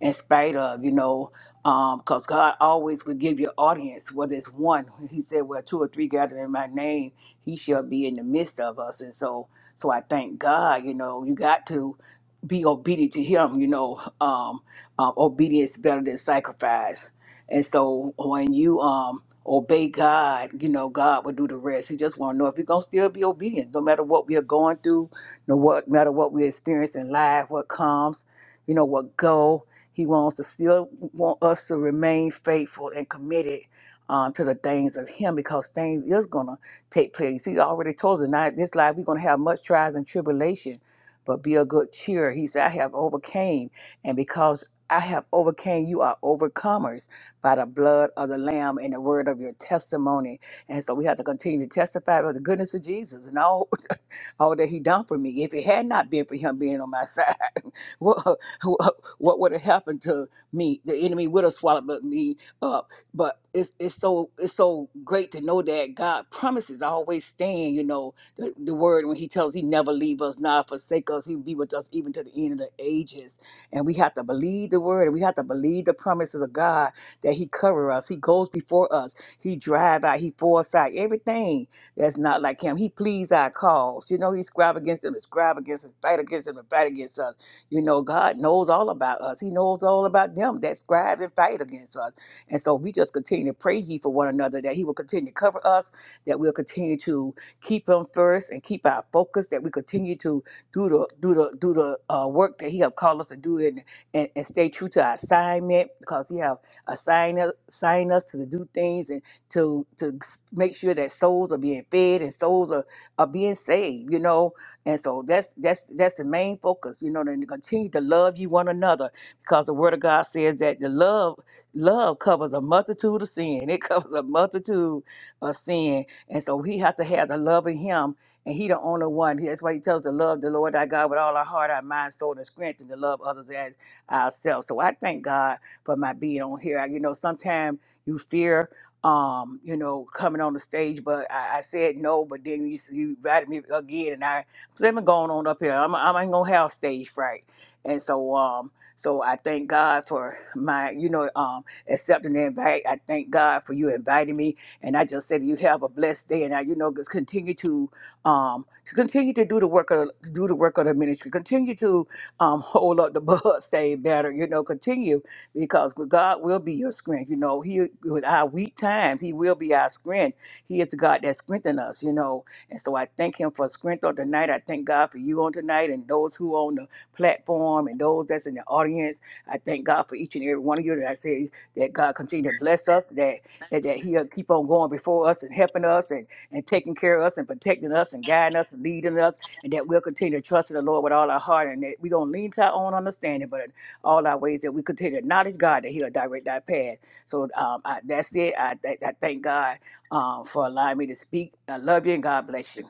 Speaker 4: in spite of, you know because God always will give you audience, whether it's one. He said, "Well, two or three gathered in my name, He shall be in the midst of us." And so, so I thank God. You know, you got to be obedient to Him. You know, um, uh, obedience is better than sacrifice. And so, when you um, obey God, you know, God will do the rest. He just want to know if you're gonna still be obedient, no matter what we are going through, no what matter what we experience in life, what comes, you know, what go. He wants to still want us to remain faithful and committed um, to the things of Him because things is gonna take place. He already told us, "Now in this life we're gonna have much trials and tribulation, but be of good cheer." He said, "I have overcame, and because I have overcame, you are overcomers by the blood of the Lamb and the word of your testimony." And so we have to continue to testify about the goodness of Jesus and all all that he done for me. If it had not been for him being on my side, what, what, what would have happened to me? The enemy would have swallowed me up. But it's, it's so it's so great to know that God promises always stand, you know, the, the word when he tells he never leave us, not forsake us, he'll be with us even to the end of the ages. And we have to believe the word and we have to believe the promises of God that he cover us. He goes before us. He drive out, he foresight, everything that's not like him. He pleads our cause. You know, he scribe against them, and scribe against us, fight against them, and fight against us. You know, God knows all about us. He knows all about them that scribe and fight against us. And so we just continue to pray ye for one another that he will continue to cover us, that we'll continue to keep him first and keep our focus, that we continue to do the do the do the uh, work that he have called us to do and, and, and stay true to our assignment because he have assigned us assigned us to do things and to to make sure that souls are being fed and souls are, are being saved, you know. And so that's that's that's the main focus, you know, to continue to love you one another because the word of God says that the love love covers a multitude of sin. It covers a multitude of sin. And so we have to have the love in him and he the only one. That's why he tells us to love the Lord thy God with all our heart, our mind, soul, and strength, and to love others as ourselves. So I thank God for my being on here. You know, sometimes you fear um, you know, coming on the stage, but I, I said no. But then you, you invited me again, and I said, I'm going on up here. I'm, I ain't gonna have stage fright, and so um, so I thank God for my, you know, um, accepting the invite. I thank God for you inviting me, and I just said you have a blessed day, and I, you know, just continue to um, to continue to do the work of do the work of the ministry. Continue to um, hold up the bus, stay better. You know, continue because God will be your strength. You know, He with our weak times, He will be our strength. He is the God that strengthens us. You know, and so I thank Him for strength on tonight. I thank God for you on tonight and those who on the platform and those that's in the audience. I thank God for each and every one of you. That I say that God continue to bless us. That that, that He'll keep on going before us and helping us and and taking care of us and protecting us and guiding us and leading us and that we'll continue to trust in the Lord with all our heart and that we're going to lean to our own understanding. But all our ways that we continue to acknowledge God that He'll direct our path. So um, I, that's it. I, th- I thank God um, for allowing me to speak. I love you and God bless you.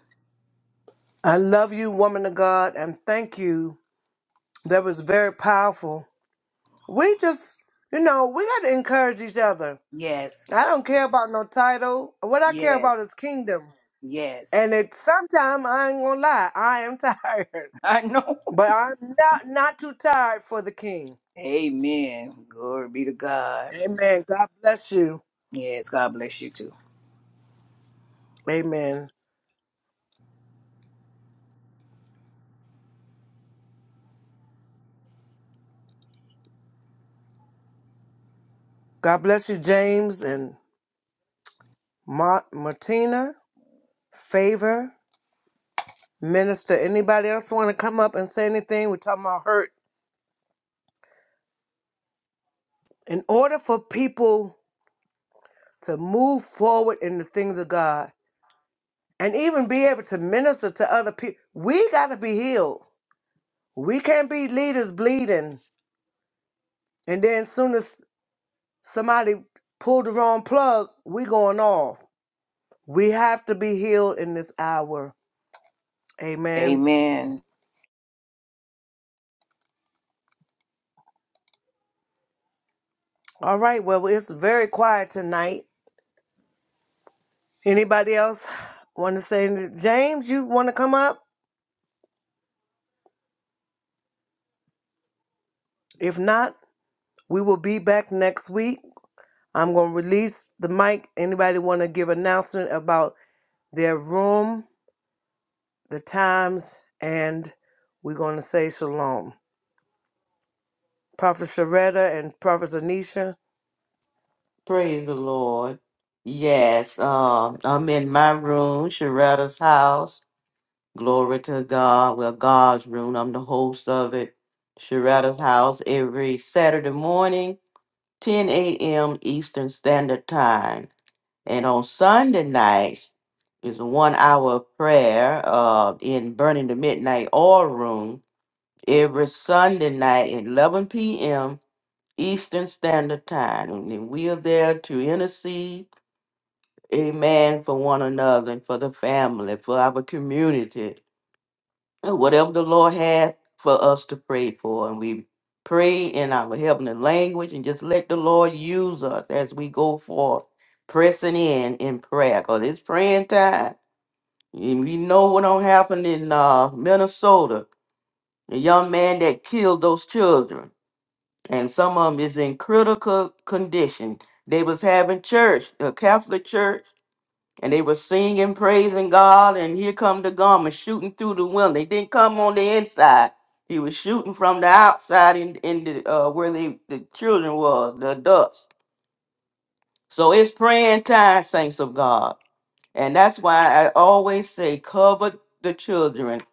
Speaker 1: i love you woman of god and thank you that was very powerful we just you know we got to encourage each other
Speaker 4: Yes,
Speaker 1: i don't care about no title what i care
Speaker 4: yes,
Speaker 1: about is kingdom
Speaker 4: yes.
Speaker 1: and it sometime i ain't gonna lie i am tired
Speaker 4: I know.
Speaker 1: But I'm not not too tired for the King.
Speaker 4: Amen. Glory be to God.
Speaker 1: Amen. God bless you.
Speaker 4: Yes, God bless you too.
Speaker 1: Amen. God bless you, James and Ma- Martina. Favor, minister. Anybody else want to come up and say anything? We're talking about hurt. In order for people to move forward in the things of God and even be able to minister to other people, we got to be healed. We can't be leaders bleeding, and then soon as somebody pulled the wrong plug, we going off. We have to be healed in this hour. Amen.
Speaker 4: Amen.
Speaker 1: All right. Well, it's very quiet tonight. Anybody else want to say anything? James, you want to come up? If not, we will be back next week. I'm going to release the mic. Anybody want to give announcement about their room, the times, and we're going to say shalom. Prophet Sharetta and Prophet Anisha.
Speaker 2: Praise the Lord. Yes, um, I'm in my room, Sharetta's house. Glory to God. Well, God's room. I'm the host of it. Sharetta's house every Saturday morning. 10 a.m. Eastern Standard Time. And on Sunday nights is a one hour prayer uh, in Burning the Midnight Oil Room every Sunday night at 11 p.m. Eastern Standard Time. And then we are there to intercede, amen, for one another and for the family, for our community. Uh, whatever the Lord had for us to pray for. And we pray in our heavenly language and just let the Lord use us as we go forth, pressing in in prayer because it's praying time. And we know what don't happen in uh, Minnesota. The young man that killed those children, and some of them is in critical condition. They was having church, a Catholic church and they were singing, praising God, and here come the garment shooting through the window. They didn't come on the inside. He was shooting from the outside in, in the uh, where they, the children was, the adults. So it's praying time, saints of God. And that's why I always say cover the children.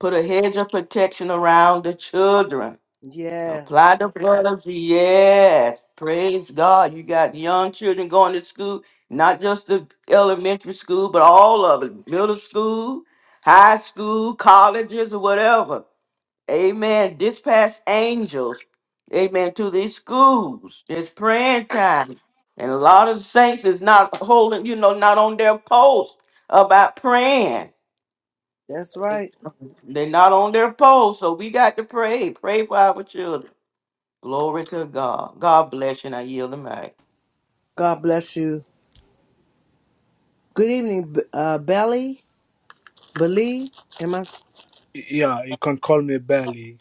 Speaker 2: Put a hedge of protection around the children
Speaker 1: Yes,
Speaker 2: Apply the blood of Jesus. Yes. Praise God. You got young children going to school, not just the elementary school, but all of it. Middle school, high school, colleges, or whatever. Amen. Dispatch angels. Amen. To these schools. It's praying time. And a lot of saints is not holding, you know, not on their post about praying.
Speaker 1: that's right.
Speaker 2: They're not on their post. So we got to pray. Pray for our children. Glory to God. God bless you, and I yield the mic.
Speaker 1: God bless you. Good evening, B- uh, Belly. Believe? Am I
Speaker 5: Yeah, you can call me Belly.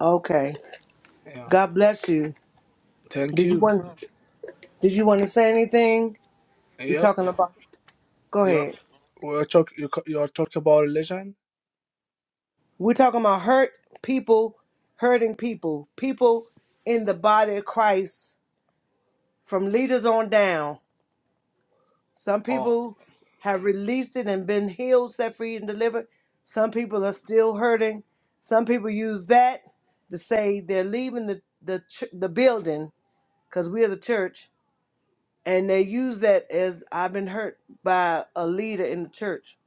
Speaker 1: okay?
Speaker 5: Yeah.
Speaker 1: God bless you.
Speaker 5: Thank
Speaker 1: Did you
Speaker 5: you.
Speaker 1: want? Did you want to say anything? We
Speaker 5: Yep.
Speaker 1: talking about? Go
Speaker 5: You're
Speaker 1: ahead.
Speaker 5: we're talk you c- you're talking about religion?
Speaker 1: We're talking about hurt people, hurting people, people in the body of Christ, from leaders on down. Some
Speaker 5: Oh,
Speaker 1: people have released it and been healed, set free, and delivered. Some people are still hurting. Some people use that to say they're leaving the the ch- the building because we are the church and they use that as I've been hurt by a leader in the church.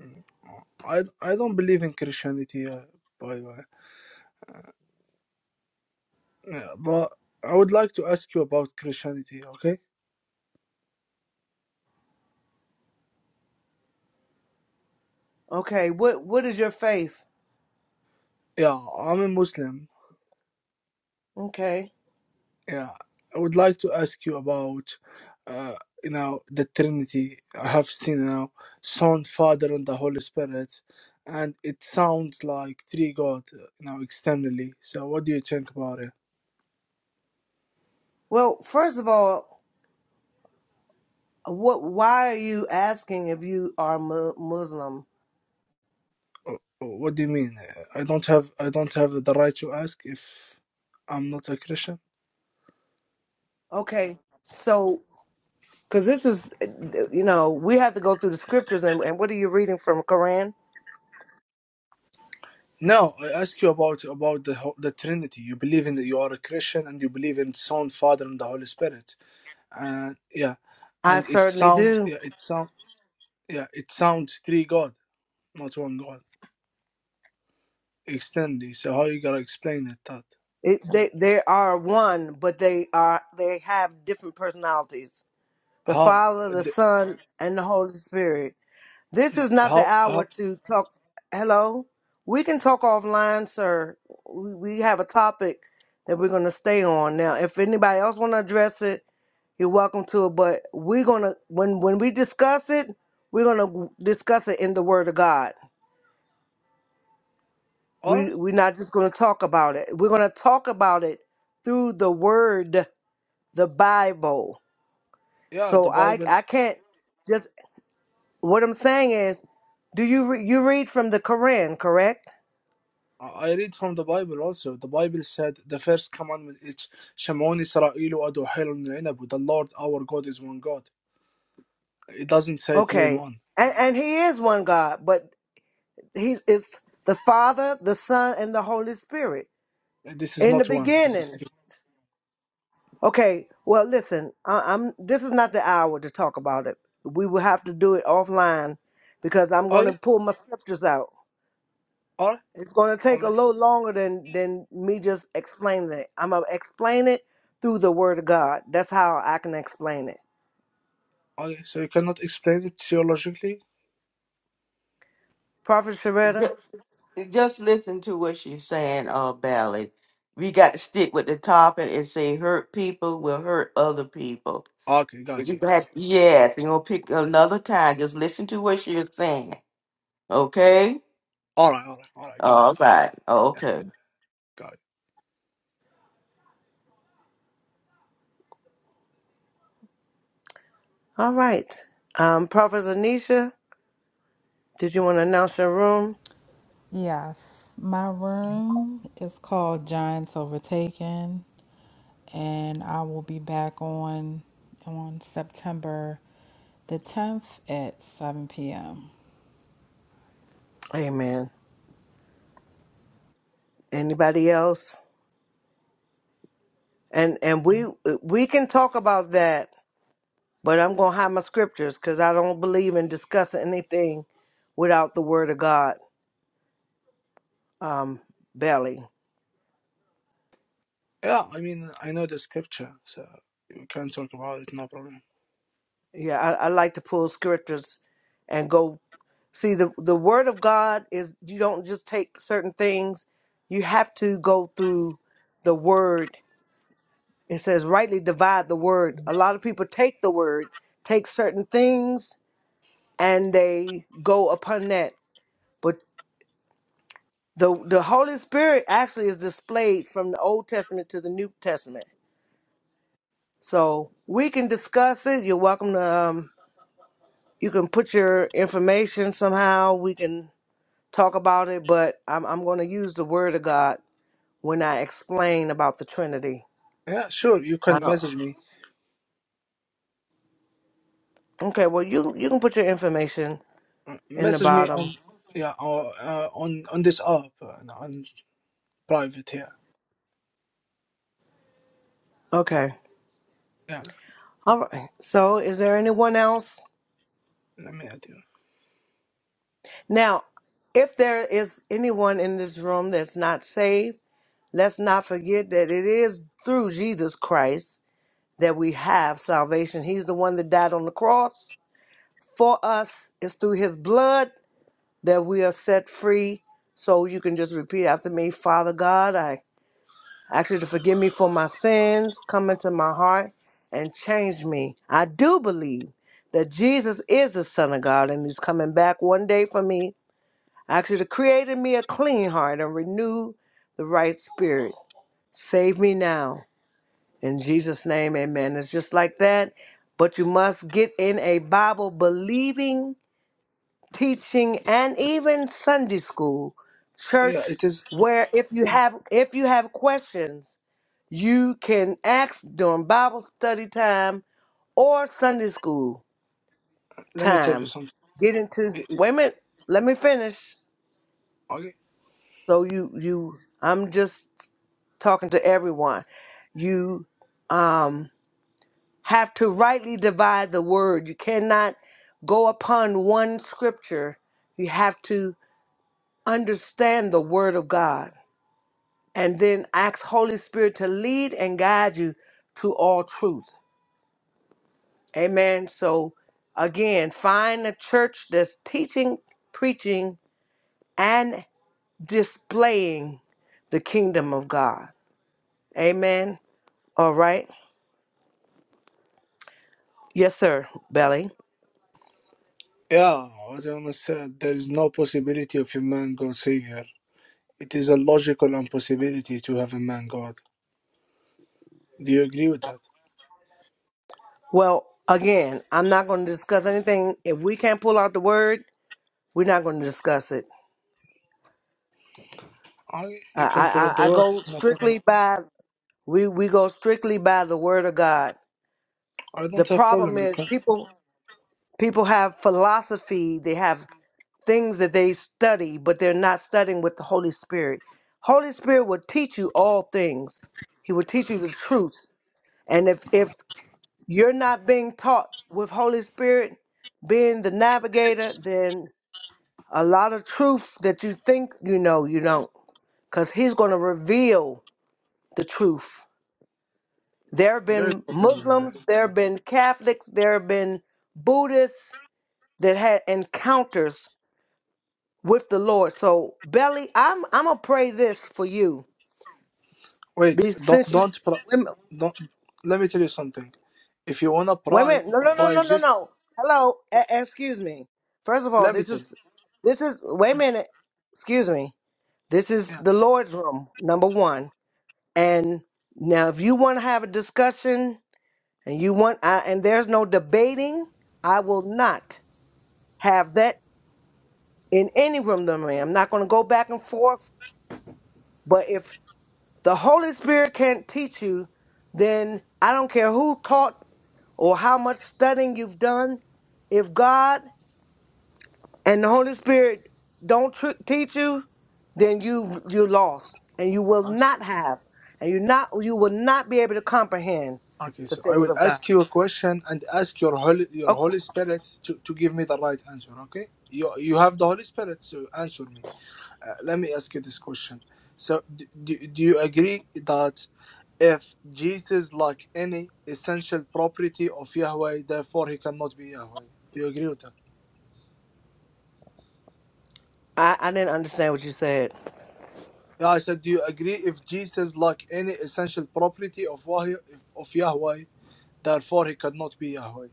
Speaker 5: mm, oh. I I don't believe in Christianity, uh, by the way. Yeah, but I would like to ask you about Christianity, okay?
Speaker 1: Okay, what what is your faith?
Speaker 5: Yeah, I'm a Muslim.
Speaker 1: Okay,
Speaker 5: Yeah, I would like to ask you about, uh, you know, the Trinity. I have seen you now Son, Father, and the Holy Spirit, and it sounds like three God, uh, you know, externally. So, what do you think about it?
Speaker 1: well, first of all, what why are you asking if you are mu- Muslim?
Speaker 5: Or- What do you mean? I don't have I don't have the right to ask if I'm not a Christian.
Speaker 1: Okay, so because this is eh, you know we have to go through the scriptures and, and what are you reading from Quran?
Speaker 5: No, I ask you about about the ho- the Trinity. You believe in that you are a Christian and you believe in Son, Father, and the Holy Spirit. And yeah,
Speaker 1: I
Speaker 5: and it
Speaker 1: certainly
Speaker 5: sounds
Speaker 1: do.
Speaker 5: yeah, it sounds. Yeah, it sounds three God, not one God. Extended. So how you gonna explain it that?
Speaker 1: It, they they are one, but they are they have different personalities. The
Speaker 5: How?
Speaker 1: Father, the
Speaker 5: The,
Speaker 1: Son, and the Holy Spirit. This
Speaker 5: yeah,
Speaker 1: is not the
Speaker 5: how?
Speaker 1: hour
Speaker 5: How?
Speaker 1: to talk. Hello? We can talk offline, sir. We, we have a topic that we're going to stay on. Now, if anybody else want to address it, you're welcome to it. But we're going to, when, when we discuss it, we're going to discuss it in the Word of God.
Speaker 5: All right.
Speaker 1: We, we're not just going to talk about it. We're going to talk about it through the Word, the Bible.
Speaker 5: Yeah, the
Speaker 1: So I,
Speaker 5: Bible.
Speaker 1: I can't just, what I'm saying is, do you, re- you read from the Koran, correct?
Speaker 5: I I read from the Bible also. The Bible said the first commandment is Shemon Israel Adohel Inab. The Lord our God is one God. It doesn't say three in
Speaker 1: Okay.
Speaker 5: one.
Speaker 1: And and he is one God, but he's it's the Father, the Son, and the Holy Spirit.
Speaker 5: This is
Speaker 1: In the
Speaker 5: not one. This is
Speaker 1: beginning.
Speaker 5: three.
Speaker 1: Okay. Well, listen, I, I'm this is not the hour to talk about it. We will have to do it offline because I'm going
Speaker 5: Okay.
Speaker 1: to pull my scriptures out.
Speaker 5: All right.
Speaker 1: It's going to
Speaker 5: All
Speaker 1: take a
Speaker 5: right.
Speaker 1: little longer than than me just explaining it. I'm gonna explain it through the Word of God. That's how I can explain it.
Speaker 5: Okay, so you cannot explain it theologically?
Speaker 1: Prophet Sharetta.
Speaker 2: Just, just listen to what she's saying, uh, Ballad. We got to stick with the topic and say hurt people will hurt other people.
Speaker 5: Okay, got you. Okay.
Speaker 2: Exactly. Yes, and you'll pick another time. Just listen to what she's saying. Okay?
Speaker 5: All right, all right, all right, got it.
Speaker 2: All right.
Speaker 5: Yeah,
Speaker 2: Okay.
Speaker 5: got it.
Speaker 1: All right. Um, Prophet Anisha, did you want to announce your room?
Speaker 3: Yes, my room is called Giants Overtaken and I will be back on on September the 10th at 7 p.m.
Speaker 1: Amen. Anybody else? And and we we can talk about that, but I'm gonna hide my scriptures because I don't believe in discussing anything without the Word of God. Um, belly.
Speaker 5: Yeah, I mean, I know the scripture, so we can talk about it, no problem.
Speaker 1: Yeah, I, I like to pull scriptures and go see the the Word of God is you don't just take certain things. You have to go through the Word. It says rightly divide the Word. A lot of people take the Word, take certain things and they go upon that. But the the Holy Spirit actually is displayed from the Old Testament to the New Testament. So we can discuss it. You're welcome to um, you can put your information somehow. We can talk about it, but I'm I'm going to use the Word of God when I explain about the Trinity.
Speaker 5: Yeah, sure, you
Speaker 1: I
Speaker 5: can
Speaker 1: don't.
Speaker 5: message me.
Speaker 1: Okay, well you you can put your information
Speaker 5: Uh,
Speaker 1: in the
Speaker 5: Message me on,
Speaker 1: bottom.
Speaker 5: yeah, or, uh, on on this app, uh, and on private here.
Speaker 1: Okay.
Speaker 5: Yeah,
Speaker 1: All right. So is there anyone else?
Speaker 5: let me add you.
Speaker 1: Now, if there is anyone in this room that's not saved, let's not forget that it is through Jesus Christ that we have salvation. He's the one that died on the cross for us. It's through his blood that we are set free. So you can just repeat after me, Father God, I ask you to forgive me for my sins, come into my heart and change me. I do believe that Jesus is the Son of God and he's coming back one day for me Actually, could have created me a clean heart and renew the right spirit. Save me now. In Jesus' name, amen. It's just like that. But you must get in a Bible believing, teaching, and even Sunday school, church,
Speaker 5: Yeah, it is.
Speaker 1: where if you have if you have questions, you can ask during Bible study time or Sunday school
Speaker 5: Let me tell you
Speaker 1: time.
Speaker 5: something.
Speaker 1: Get into
Speaker 5: It,
Speaker 1: wait
Speaker 5: it
Speaker 1: a minute, let me finish.
Speaker 5: okay.
Speaker 1: So you you I'm just talking to everyone. You um have to rightly divide the word. You cannot go upon one scripture. You have to understand the word of God and then ask Holy Spirit to lead and guide you to all truth. Amen. So again, find a church that's teaching, preaching and displaying the kingdom of God. Amen. All right. Yes, sir, Belly.
Speaker 5: Yeah, as I almost said, there is no possibility of a man God savior. It is a logical impossibility to have a man God. Do you agree with that?
Speaker 1: Well, again, I'm not going to discuss anything. If we can't pull out the word, we're not going to discuss it.
Speaker 5: Okay,
Speaker 1: I,
Speaker 5: you can
Speaker 1: I,
Speaker 5: pull up
Speaker 1: I I
Speaker 5: the word,
Speaker 1: go
Speaker 5: no problem.
Speaker 1: strictly by we, we go strictly by the word of God.
Speaker 5: I
Speaker 1: The
Speaker 5: don't have
Speaker 1: problem
Speaker 5: problem. You
Speaker 1: is
Speaker 5: can.
Speaker 1: people people have philosophy. They have things that they study, but they're not studying with the Holy Spirit. Holy Spirit will teach you all things. He will teach you the truth. And if if you're not being taught with Holy Spirit being the navigator, then a lot of truth that you think you know, you don't. Because he's going to reveal the truth. There have
Speaker 5: Very
Speaker 1: been
Speaker 5: important, guys.
Speaker 1: Muslims, there have been Catholics, there have been Buddhists that had encounters with the Lord. So, Belly, I'm I'm gonna pray this for you.
Speaker 5: Wait,
Speaker 1: Be-
Speaker 5: don't
Speaker 1: Since
Speaker 5: don't pry,
Speaker 1: you,
Speaker 5: don't. Let me tell you something. If you wanna
Speaker 1: Wait a
Speaker 5: pry,
Speaker 1: minute. No, no, no,
Speaker 5: pry
Speaker 1: no, no,
Speaker 5: just.
Speaker 1: no. Hello.
Speaker 5: p-
Speaker 1: E- excuse me. First of all,
Speaker 5: Let me
Speaker 1: this
Speaker 5: tell you.
Speaker 1: is this is wait a
Speaker 5: Yeah.
Speaker 1: minute. Excuse me. This is
Speaker 5: yeah.
Speaker 1: the Lord's room, number one. And now, if you want to have a discussion, and you want, I, and there's no debating, I will not have that in any room that I'm in. I'm not going to go back and forth. But if the Holy Spirit can't teach you, then I don't care who taught or how much studying you've done. If God and the Holy Spirit don't tr- teach you, then you you lost, and you will
Speaker 5: Okay.
Speaker 1: not have, and you not you will not be able to comprehend
Speaker 5: Okay.
Speaker 1: the
Speaker 5: So I
Speaker 1: things
Speaker 5: will
Speaker 1: of God.
Speaker 5: ask you a question and ask your holy your
Speaker 1: Okay,
Speaker 5: Holy Spirit to to give me the right answer. Okay. You you have the Holy Spirit, so answer me. Uh, let me ask you this question. So do, do do you agree that if Jesus like any essential property of Yahweh, therefore he cannot be Yahweh? Do you agree with that?
Speaker 1: I, I didn't understand what you said.
Speaker 5: Yeah, I said, do you agree if Jesus lacked any essential property of Wah- of Yahweh, therefore he could not be Yahweh?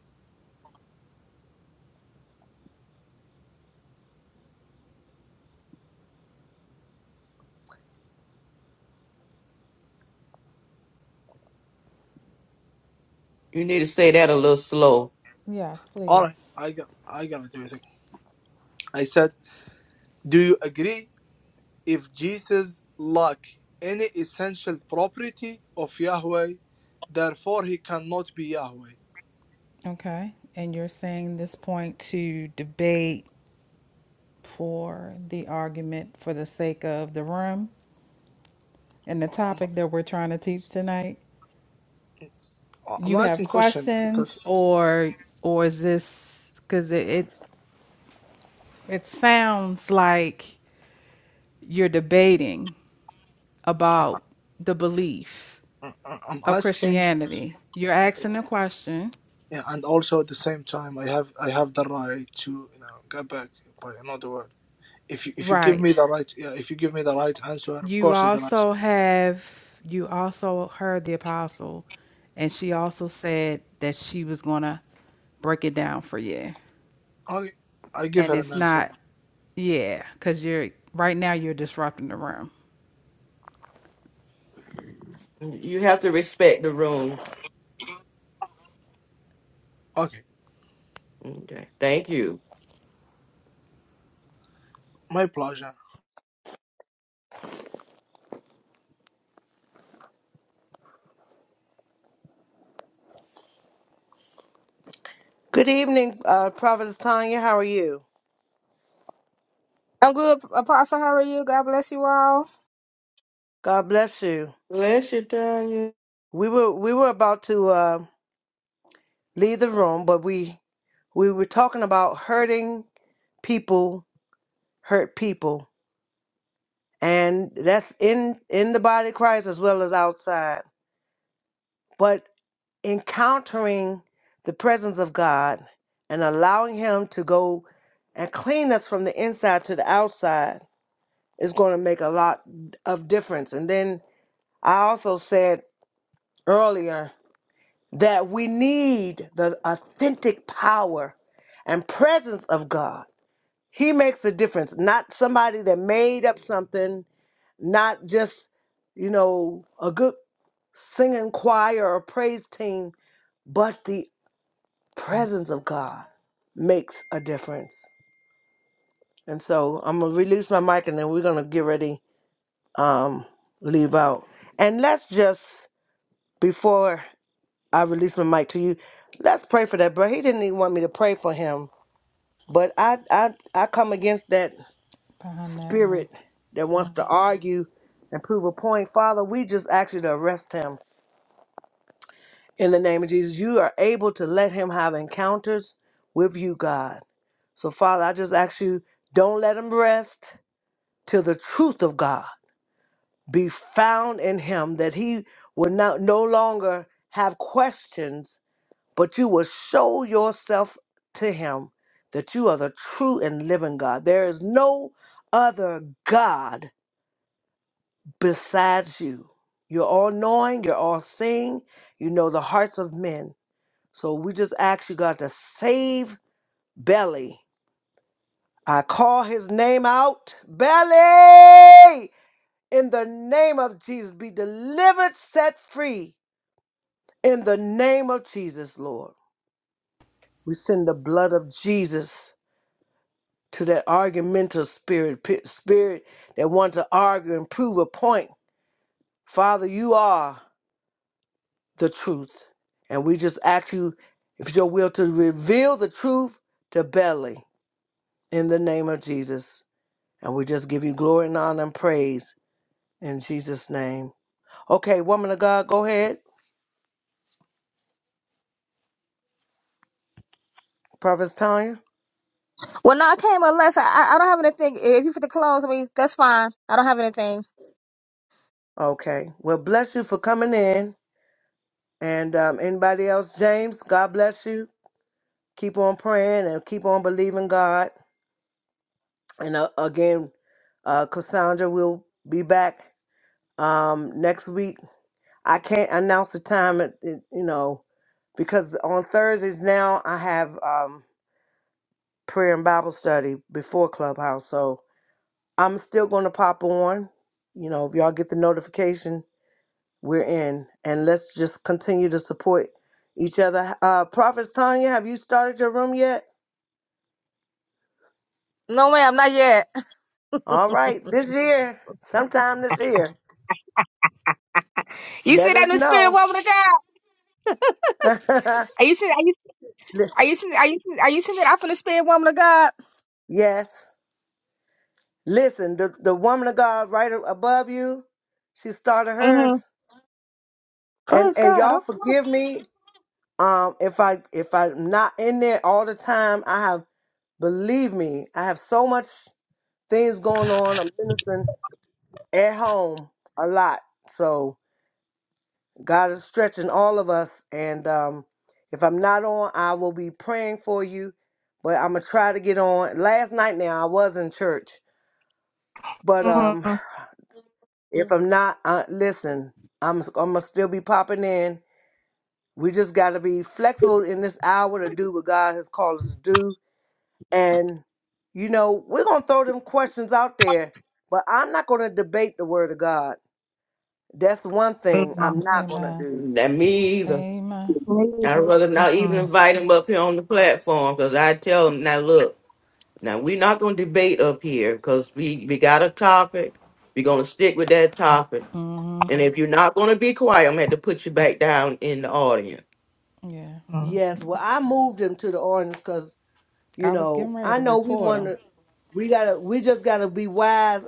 Speaker 2: You need to say that a little slow.
Speaker 3: Yes,
Speaker 5: All right,
Speaker 3: please.
Speaker 5: I got, I got it. wait a second. I said, do you agree if Jesus lacked any essential property of Yahweh, therefore he cannot be Yahweh?
Speaker 3: Okay. And you're saying this point to debate for the argument for the sake of the room and the
Speaker 5: I'm,
Speaker 3: topic that we're trying to teach tonight?
Speaker 5: I'm
Speaker 3: you have
Speaker 5: asking question because
Speaker 3: questions or or is this because it, it it sounds like you're debating
Speaker 5: I'm,
Speaker 3: about the belief
Speaker 5: I'm I'm
Speaker 3: of
Speaker 5: asking,
Speaker 3: christianity you're asking a question
Speaker 5: yeah, and also at the same time, I have I have the right to you know go back by another word. if you if you give
Speaker 3: right
Speaker 5: me the right yeah, if you give me the right answer, of
Speaker 3: you
Speaker 5: course i can answer
Speaker 3: also have you also heard the apostle and she also said that she was gonna break it down for you
Speaker 5: Okay, I give
Speaker 3: and
Speaker 5: her an
Speaker 3: it's
Speaker 5: answer.
Speaker 3: not yeah because you're right now you're disrupting the room
Speaker 2: You have to respect the rooms.
Speaker 5: Okay,
Speaker 2: Okay. Thank you.
Speaker 5: my pleasure.
Speaker 1: Good evening, uh, Prophetess Tanya. How are you?
Speaker 6: I'm good, Apostle. How are you? God bless you all.
Speaker 1: God bless you.
Speaker 2: Bless you, Tanya.
Speaker 1: We were we were about to uh, leave the room, but we we were talking about hurting people hurt people, and that's in in the body of Christ as well as outside. But encountering the presence of God and allowing Him to go and clean us from the inside to the outside is going to make a lot of difference. And then I also said earlier that we need the authentic power and presence of God. He makes a difference, not somebody that made up something, not just, you know, a good singing choir or praise team, but the presence of God makes a difference. And so I'm gonna release my mic and then we're gonna get ready, um, leave out. And let's just before I release my mic to you, let's pray for that. But he didn't even want me to pray for him. But I I I come against that
Speaker 3: behind that one
Speaker 1: spirit that wants to argue and prove a point. Father, we just ask you to arrest him in the name of Jesus. You are able to let him have encounters with you, God. So, Father, I just ask you, don't let him rest till the truth of God be found in him, that he will not no longer have questions, but you will show yourself to him that you are the true and living God. There is no other God besides you. You're all knowing, you're all seeing, you know the hearts of men. So we just ask you, God, to save Belly I call his name out, belly, in the name of Jesus. Be delivered, set free, in the name of Jesus, Lord. We send the blood of Jesus to that argumentative spirit, pi- spirit that wants to argue and prove a point. Father, you are the truth. And we just ask you, if it's your will, to reveal the truth to belly in the name of Jesus. And we just give you glory and honor and praise in Jesus' name. Okay, woman of God, go ahead. Prophet Tanya.
Speaker 6: Well, no, I came up last. I, I I don't have anything. If you for the clothes, I mean, that's fine. I don't have anything.
Speaker 1: Okay. Well, bless you for coming in. And um, anybody else, James, God bless you. Keep on praying and keep on believing God. And uh, again, uh, Cassandra will be back um, next week. I can't announce the time, it, it- you know, because on Thursdays now I have um, prayer and Bible study before Clubhouse. So I'm still going to pop on. You know, if y'all get the notification, we're in. And let's just continue to support each other. Uh, Prophet Tanya, have you started your room yet?
Speaker 6: No, ma'am, not yet.
Speaker 1: All right, this year, sometime this year,
Speaker 6: You see
Speaker 1: let
Speaker 6: that
Speaker 1: us
Speaker 6: new spirit
Speaker 1: know.
Speaker 6: woman of God?
Speaker 1: Li-
Speaker 6: Are you see? Are you? Are you see? Are you? Are you seeing that? I'm from the spirit woman of God.
Speaker 1: yes. Listen, the, the woman of God right a- above you, she started hers.
Speaker 6: Mm-hmm.
Speaker 1: And
Speaker 6: Praise
Speaker 1: and
Speaker 6: God.
Speaker 1: y'all
Speaker 6: Okay.
Speaker 1: forgive me um if I if I'm not in there all the time. I have believe me, I have so much things going on. I'm ministering at home a lot. So, God is stretching all of us. And um, if I'm not on, I will be praying for you. But I'm gonna try to get on. Last night now I was in church, but um,
Speaker 6: Mm-hmm.
Speaker 1: if I'm not, uh, listen, I'm I'm gonna still be popping in. We just gotta be flexible in this hour to do what God has called us to do. And you know we're gonna throw them questions out there, but I'm not gonna debate the Word of God. That's one thing I'm not gonna
Speaker 3: amen
Speaker 1: do.
Speaker 2: That me either.
Speaker 3: Amen.
Speaker 2: I'd rather not even
Speaker 6: Mm-mm.
Speaker 2: invite him up here on the platform because I tell him now, look, now we're not going to debate up here because we, we got a topic. We're going to stick with that topic. And if you're not going to be quiet, I'm going to have to put you back down in the audience.
Speaker 3: Yeah.
Speaker 1: Yes, well I moved him to the orange because You
Speaker 3: I was getting
Speaker 1: know,
Speaker 3: ready
Speaker 1: I
Speaker 3: to
Speaker 1: know we
Speaker 3: report
Speaker 1: want
Speaker 3: him.
Speaker 1: to, we gotta, we just gotta be wise.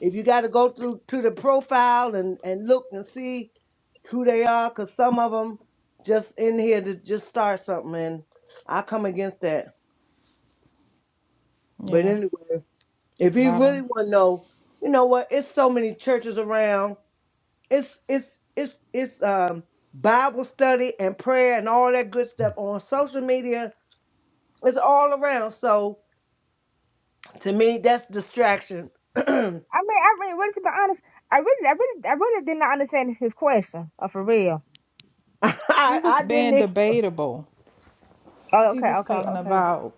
Speaker 1: If you gotta go through to the profile and and look and see who they are, cause some of them just in here to just start something, and I come against that. But
Speaker 3: Yeah.
Speaker 1: anyway, if
Speaker 3: A lot
Speaker 1: you
Speaker 3: of
Speaker 1: really
Speaker 3: 'em.
Speaker 1: want to know, you know what? It's so many churches around. It's it's it's it's um Bible study and prayer and all that good stuff on social media. It's all around. So To me, that's distraction. I,
Speaker 6: I mean, I really, really, to be honest, I really, I really, I really did not understand his question. Uh, for real.
Speaker 3: He was
Speaker 1: I didn't
Speaker 3: being
Speaker 1: even,
Speaker 3: debatable.
Speaker 6: Oh,
Speaker 3: He
Speaker 6: okay,
Speaker 3: was
Speaker 6: okay,
Speaker 3: talking
Speaker 6: okay.
Speaker 3: about,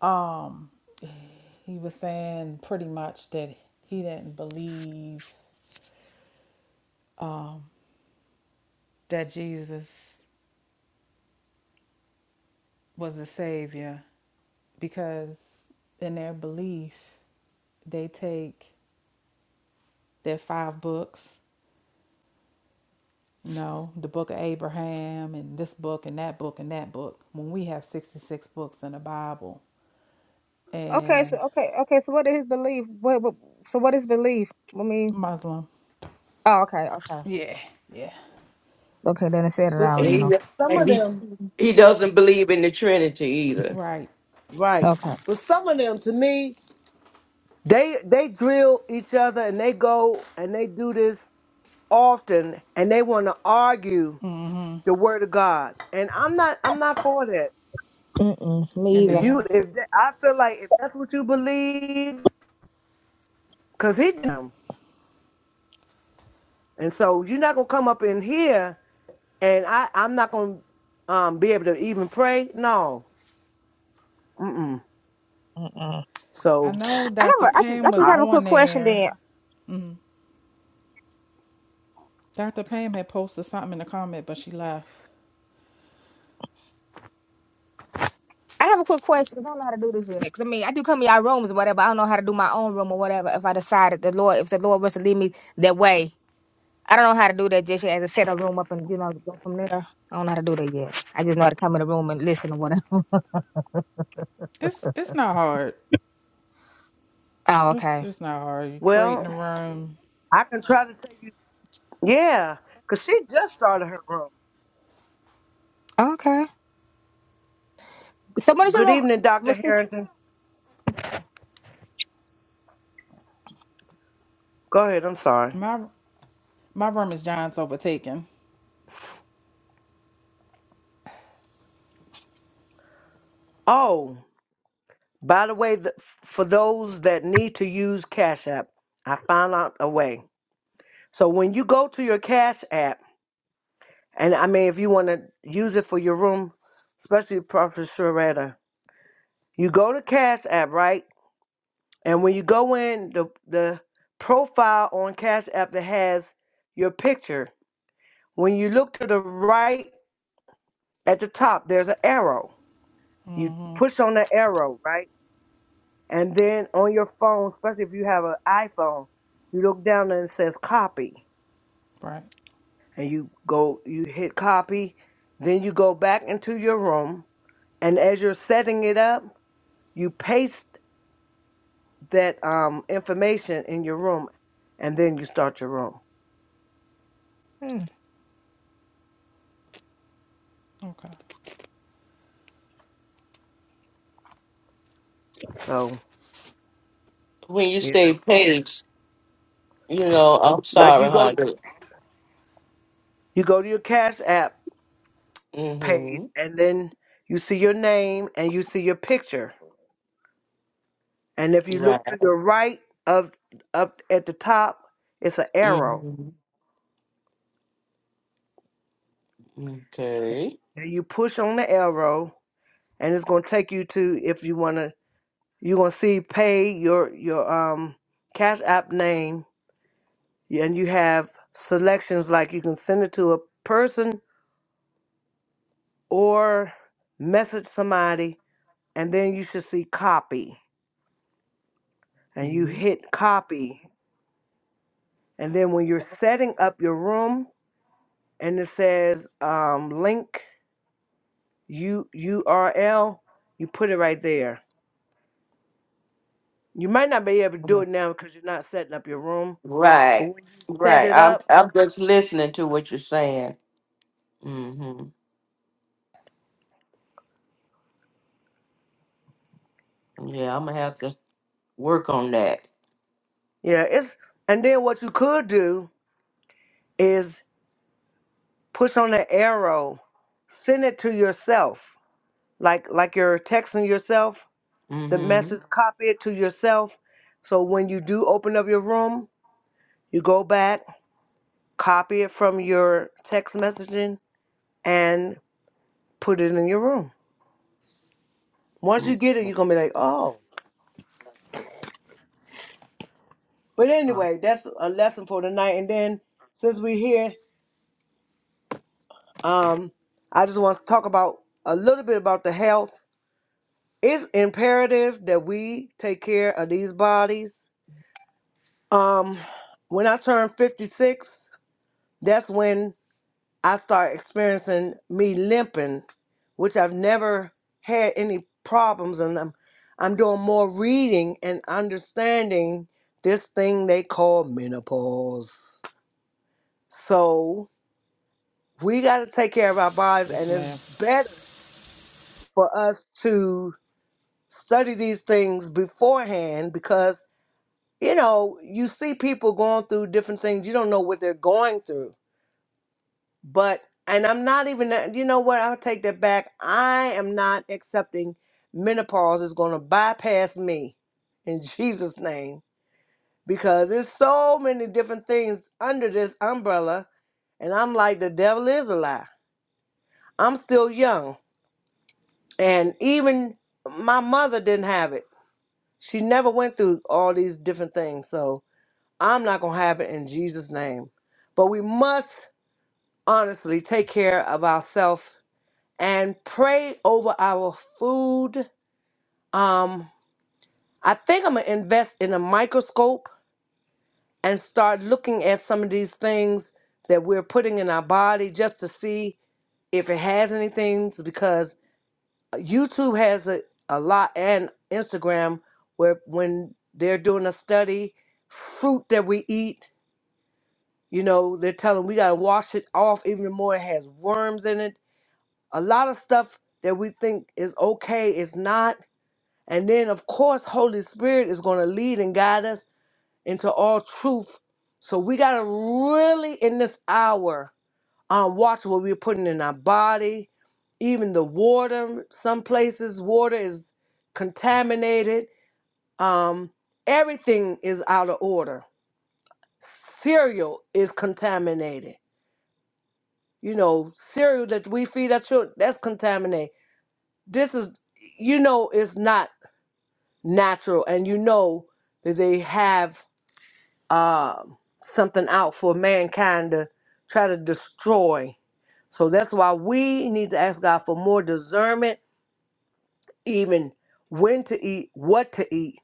Speaker 3: um, he was saying pretty much that he didn't believe that Jesus was the Savior because in their belief, they take their five books, you know, the book of Abraham and this book and that book and that book, when we have 66 books in the Bible.
Speaker 6: Okay, so
Speaker 3: and
Speaker 6: okay, okay. So what is his belief? What, what so what is belief? I mean,
Speaker 3: Muslim.
Speaker 6: oh, okay, okay,
Speaker 3: Yeah, yeah.
Speaker 6: okay. Then it said it
Speaker 1: but
Speaker 6: all.
Speaker 2: And
Speaker 6: Then
Speaker 1: see,
Speaker 2: he,
Speaker 6: okay,
Speaker 1: some of
Speaker 2: and he,
Speaker 1: them,
Speaker 2: he doesn't believe in the Trinity either.
Speaker 3: Right.
Speaker 1: right.
Speaker 6: okay.
Speaker 1: But some of them, to me, they they drill each other and they go and they do this often and they want to argue the word of God. And I'm not I'm not for that.
Speaker 6: Mm-mm, me
Speaker 3: And
Speaker 1: If
Speaker 6: either.
Speaker 3: they
Speaker 1: you
Speaker 3: are.
Speaker 1: if that, I feel like if that's what you believe, cause he them. And so you're not gonna come up in here and I I'm not gonna um be able to even pray. No. Mm-mm.
Speaker 6: Mm-mm.
Speaker 3: I
Speaker 1: So
Speaker 3: know
Speaker 6: I have
Speaker 3: Dr.
Speaker 6: a, I just, I
Speaker 3: Pam
Speaker 6: just
Speaker 3: was
Speaker 1: I,
Speaker 6: have a
Speaker 3: on
Speaker 6: quick question.
Speaker 3: there.
Speaker 6: Then
Speaker 3: Mm. Dr. Pam had posted something in the comment, but she left.
Speaker 6: I have a quick question. 'cause I don't know how to do this yet. 'Cause, I mean, I do come to y'all rooms or whatever. I don't know how to do my own room or whatever. If I decided the Lord, if the Lord was to lead me that way, I don't know how to do that. Just yet. as to set a room up and you know go from there. I don't know how to do that yet. I just know how to come in the room and listen or whatever.
Speaker 3: It's it's not hard.
Speaker 6: Oh,
Speaker 3: It's
Speaker 6: okay,
Speaker 3: it's not hard. You creating a
Speaker 1: well,
Speaker 3: room.
Speaker 1: I can try to tell you. Yeah, because she just started her room.
Speaker 6: okay. So what is your
Speaker 1: Good
Speaker 6: room,
Speaker 1: evening, Dr. Harrington. Go ahead. I'm sorry.
Speaker 3: My my room is John's overtaken.
Speaker 1: Oh, by the way, th for those that need to use Cash App, I found out a way. So when you go to your Cash App, and I mean, if you want to use it for your room, especially Prophet Sharetta, you go to Cash App, right? And when you go in, the the profile on Cash App that has your picture When you look to the right at the top, there's an arrow. You
Speaker 3: Mhm.
Speaker 1: push on the arrow, right? And then on your phone, especially if you have an iPhone, you look down and it says copy.
Speaker 3: Right.
Speaker 1: And you go, you hit copy. Then you go back into your room. And as you're setting it up, you paste that um, information in your room. And then you start your room.
Speaker 6: Mister?
Speaker 3: Okay.
Speaker 1: So,
Speaker 2: When you
Speaker 1: yeah.
Speaker 2: say pigs, you know, I'm
Speaker 1: Like
Speaker 2: sorry,
Speaker 1: you go,
Speaker 2: honey.
Speaker 1: you go to your Cash App page
Speaker 2: Mm-hmm.
Speaker 1: and then you see your name and you see your picture. And if you look
Speaker 2: Right.
Speaker 1: to your right of up at the top, it's an arrow.
Speaker 2: Mm-hmm. Okay.
Speaker 1: And you push on the arrow and it's gonna take you to if you wanna you're gonna see pay your your um cash app name and you have selections like you can send it to a person or message somebody and then you should see copy and you
Speaker 2: Mm-hmm.
Speaker 1: hit copy and then when you're setting up your room and it says um, link U U R L. You put it right there. You might not be able to do it now because you're not setting up your room. But
Speaker 2: Right,
Speaker 1: when you set
Speaker 2: right.
Speaker 1: it
Speaker 2: I'm
Speaker 1: up,
Speaker 2: I'm just listening to what you're saying. Mm-hmm. Yeah, I'm gonna have to work on that.
Speaker 1: yeah, it's and then what you could do is push on the arrow, send it to yourself, like like you're texting yourself. The
Speaker 2: Mm-hmm.
Speaker 1: message, copy it to yourself. So when you do open up your room, you go back, copy it from your text messaging, and put it in your room. Once you get it,
Speaker 2: mm-hmm.
Speaker 1: you're gonna be like, oh. But anyway, that's a lesson for tonight. And then since we're here, um, I just want to talk about a little bit about the health. It's imperative that we take care of these bodies. Um, when I turned 56, that's when I started experiencing me limping, which I've never had any problems, and I'm I'm doing more reading and understanding this thing they call menopause. So we got to take care of our bodies,
Speaker 3: Yes,
Speaker 1: and it's
Speaker 3: ma'am.
Speaker 1: better for us to study these things beforehand because, you know, you see people going through different things. You don't know what they're going through. But, and I'm not even, that- you know what? I'll take that back. I am not accepting menopause is going to bypass me in Jesus' name because there's so many different things under this umbrella. And I'm like, the devil is a lie. I'm still young. And even my mother didn't have it. She never went through all these different things. So I'm not going to have it in Jesus' name. But we must honestly take care of ourselves and pray over our food. Um, I think I'm going to invest in a microscope and start looking at some of these things that we're putting in our body just to see if it has anything because YouTube has a, a lot and Instagram where when they're doing a study, fruit that we eat, you know, they're telling we gotta wash it off even more. It has worms in it. A lot of stuff that we think is okay is not. And then of course Holy Spirit is gonna lead and guide us into all truth. So we gotta really in this hour um, watch what we're putting in our body, even the water. Some places water is contaminated. Um, everything is out of order. Cereal is contaminated. You know, cereal that we feed our children, that's contaminated. This is, you know, it's not natural, and you know that they have uh, something out for mankind to try to destroy. So that's why we need to ask God for more discernment, even when to eat, what to eat,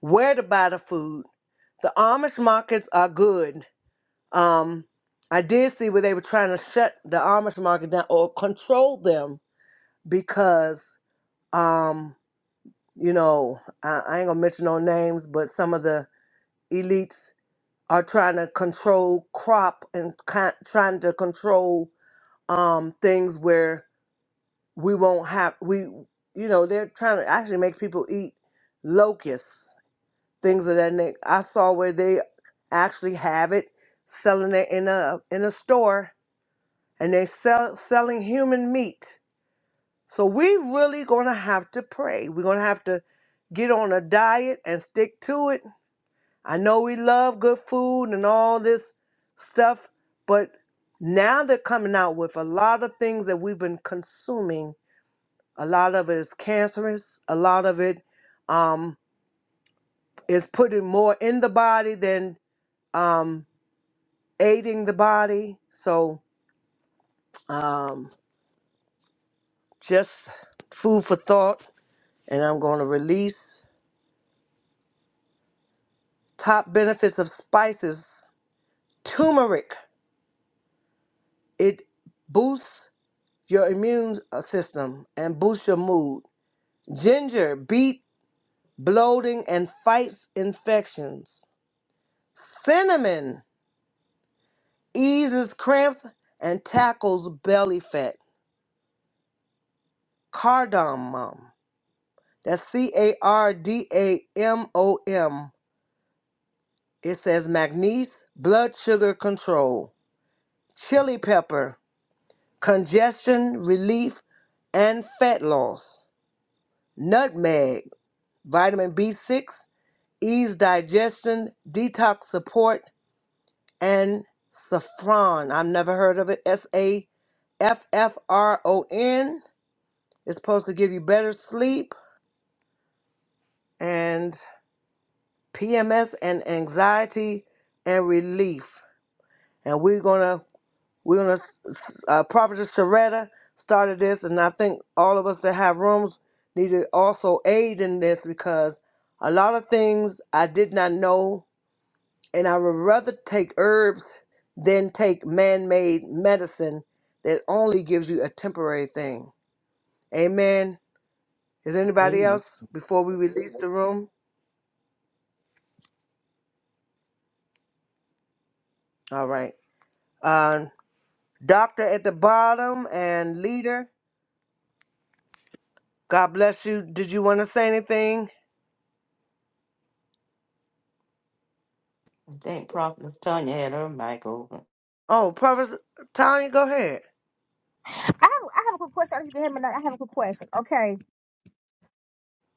Speaker 1: where to buy the food. The Amish markets are good. Um, I did see where they were trying to shut the Amish market down or control them because, um, you know, I, I ain't gonna mention no names, but some of the elites are trying to control crop and ki trying to control um, things where we won't have we you know they're trying to actually make people eat locusts things of that nature. I saw where they actually have it selling it in a in a store and they sell selling human meat. So we really gonna have to pray. We're gonna have to get on a diet and stick to it I know we love good food and all this stuff, but now they're coming out with a lot of things that we've been consuming. A lot of it is cancerous. A lot of it um, is putting more in the body than um, aiding the body. So um, just food for thought. And I'm going to release top benefits of spices. Turmeric. It boosts your immune uh, system and boosts your mood. Ginger beat bloating and fights infections. Cinnamon eases cramps and tackles belly fat. Cardamom, that's C A R D A M O M. It says magnesium, blood sugar control. Chili pepper, congestion relief and fat loss. Nutmeg, vitamin B6, ease digestion, detox support, and saffron. I've never heard of it. S A F F R O N. It's supposed to give you better sleep and PMS and anxiety and relief. And we're gonna we're gonna uh, Prophetess Sharetta started this, and I think all of us that have rooms need to also aid in this because a lot of things I did not know and I would rather take herbs than take man made medicine that only gives you a temporary thing. Amen. Is
Speaker 2: Okay.
Speaker 1: anybody
Speaker 2: I
Speaker 1: else before we release the room? All right. Uh, doctor at the bottom and leader, God bless you. Did you want to say anything?
Speaker 2: think Prophet Tanya had her mic open.
Speaker 1: Oh, Prophet Tanya, go ahead.
Speaker 6: I have, I have a quick question. I don't know if you can hear me. now. I have a quick question. Okay,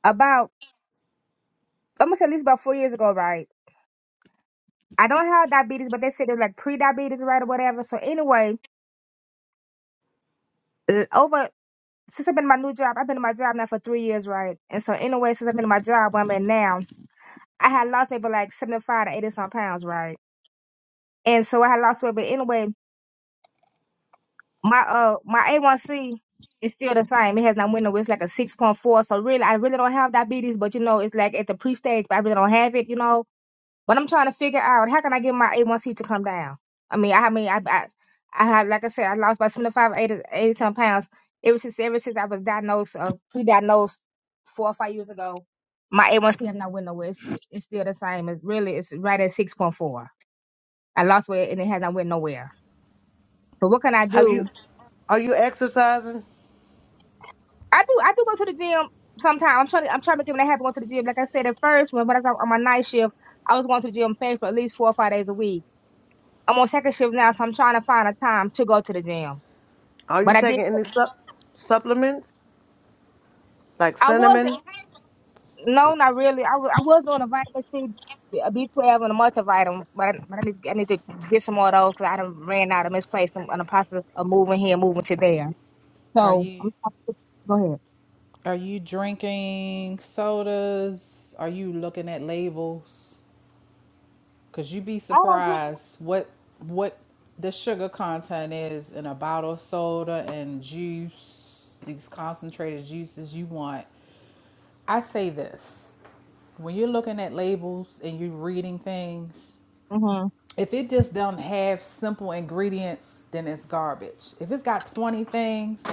Speaker 6: about I'm gonna say at least about four years ago, right? I don't have diabetes, but they said it was like pre-diabetes, right, or whatever. So anyway, uh, over since I've been in my new job, I've been in my job now for three years, right? And so anyway, since I've been in my job where I'm in now, I had lost maybe like seventy-five to eighty some pounds, right? And so I had lost weight, but anyway, my uh my A1C is still the same. It has not went nowhere. It's like a six point four. So really, I really don't have diabetes, but you know, it's like at the pre-stage, but I really don't have it, you know. But I'm trying to figure out how can I get my A1C to come down. I mean, I, I mean, I, I, I had, like I said, I lost about 75, 80, 80 some pounds ever since, ever since I was diagnosed, uh, pre-diagnosed four or five years ago. My A1C have not went nowhere. It's, it's still the same. It's really, it's right at 6.4. I lost weight and it has not went nowhere. So what can I
Speaker 1: Have you?
Speaker 6: do?
Speaker 1: Are you exercising?
Speaker 6: I do, I do go to the gym sometimes. I'm trying, to, I'm trying to make it happen. Going to the gym, like I said at first, when, when I was on my night shift, I was going to the gym paying for at least four or five days a week I'm on second shift now, so I'm trying to find a time to go to the gym.
Speaker 1: Are you
Speaker 6: But I did.
Speaker 1: taking any sup- supplements like
Speaker 6: I was
Speaker 1: cinnamon?
Speaker 6: in- no, not really. I, wa- I was doing a vitamin C, uh, B- a B12, and a multivitamin, but I, but I, need, I need to get some more of those because I done ran out of misplaced them in the process of moving here, moving to there.
Speaker 3: Are
Speaker 6: So
Speaker 3: you
Speaker 6: I'm trying to- go ahead.
Speaker 3: are you drinking sodas? Are you looking at labels? Cause you be
Speaker 6: I don't get.
Speaker 3: surprised what what the sugar content is in a bottle of soda and juice, these concentrated juices you want. I say this. When you're looking at labels and you're reading things,
Speaker 6: Mhm.
Speaker 3: if it just don't have simple ingredients, then it's garbage. If it's got 20 things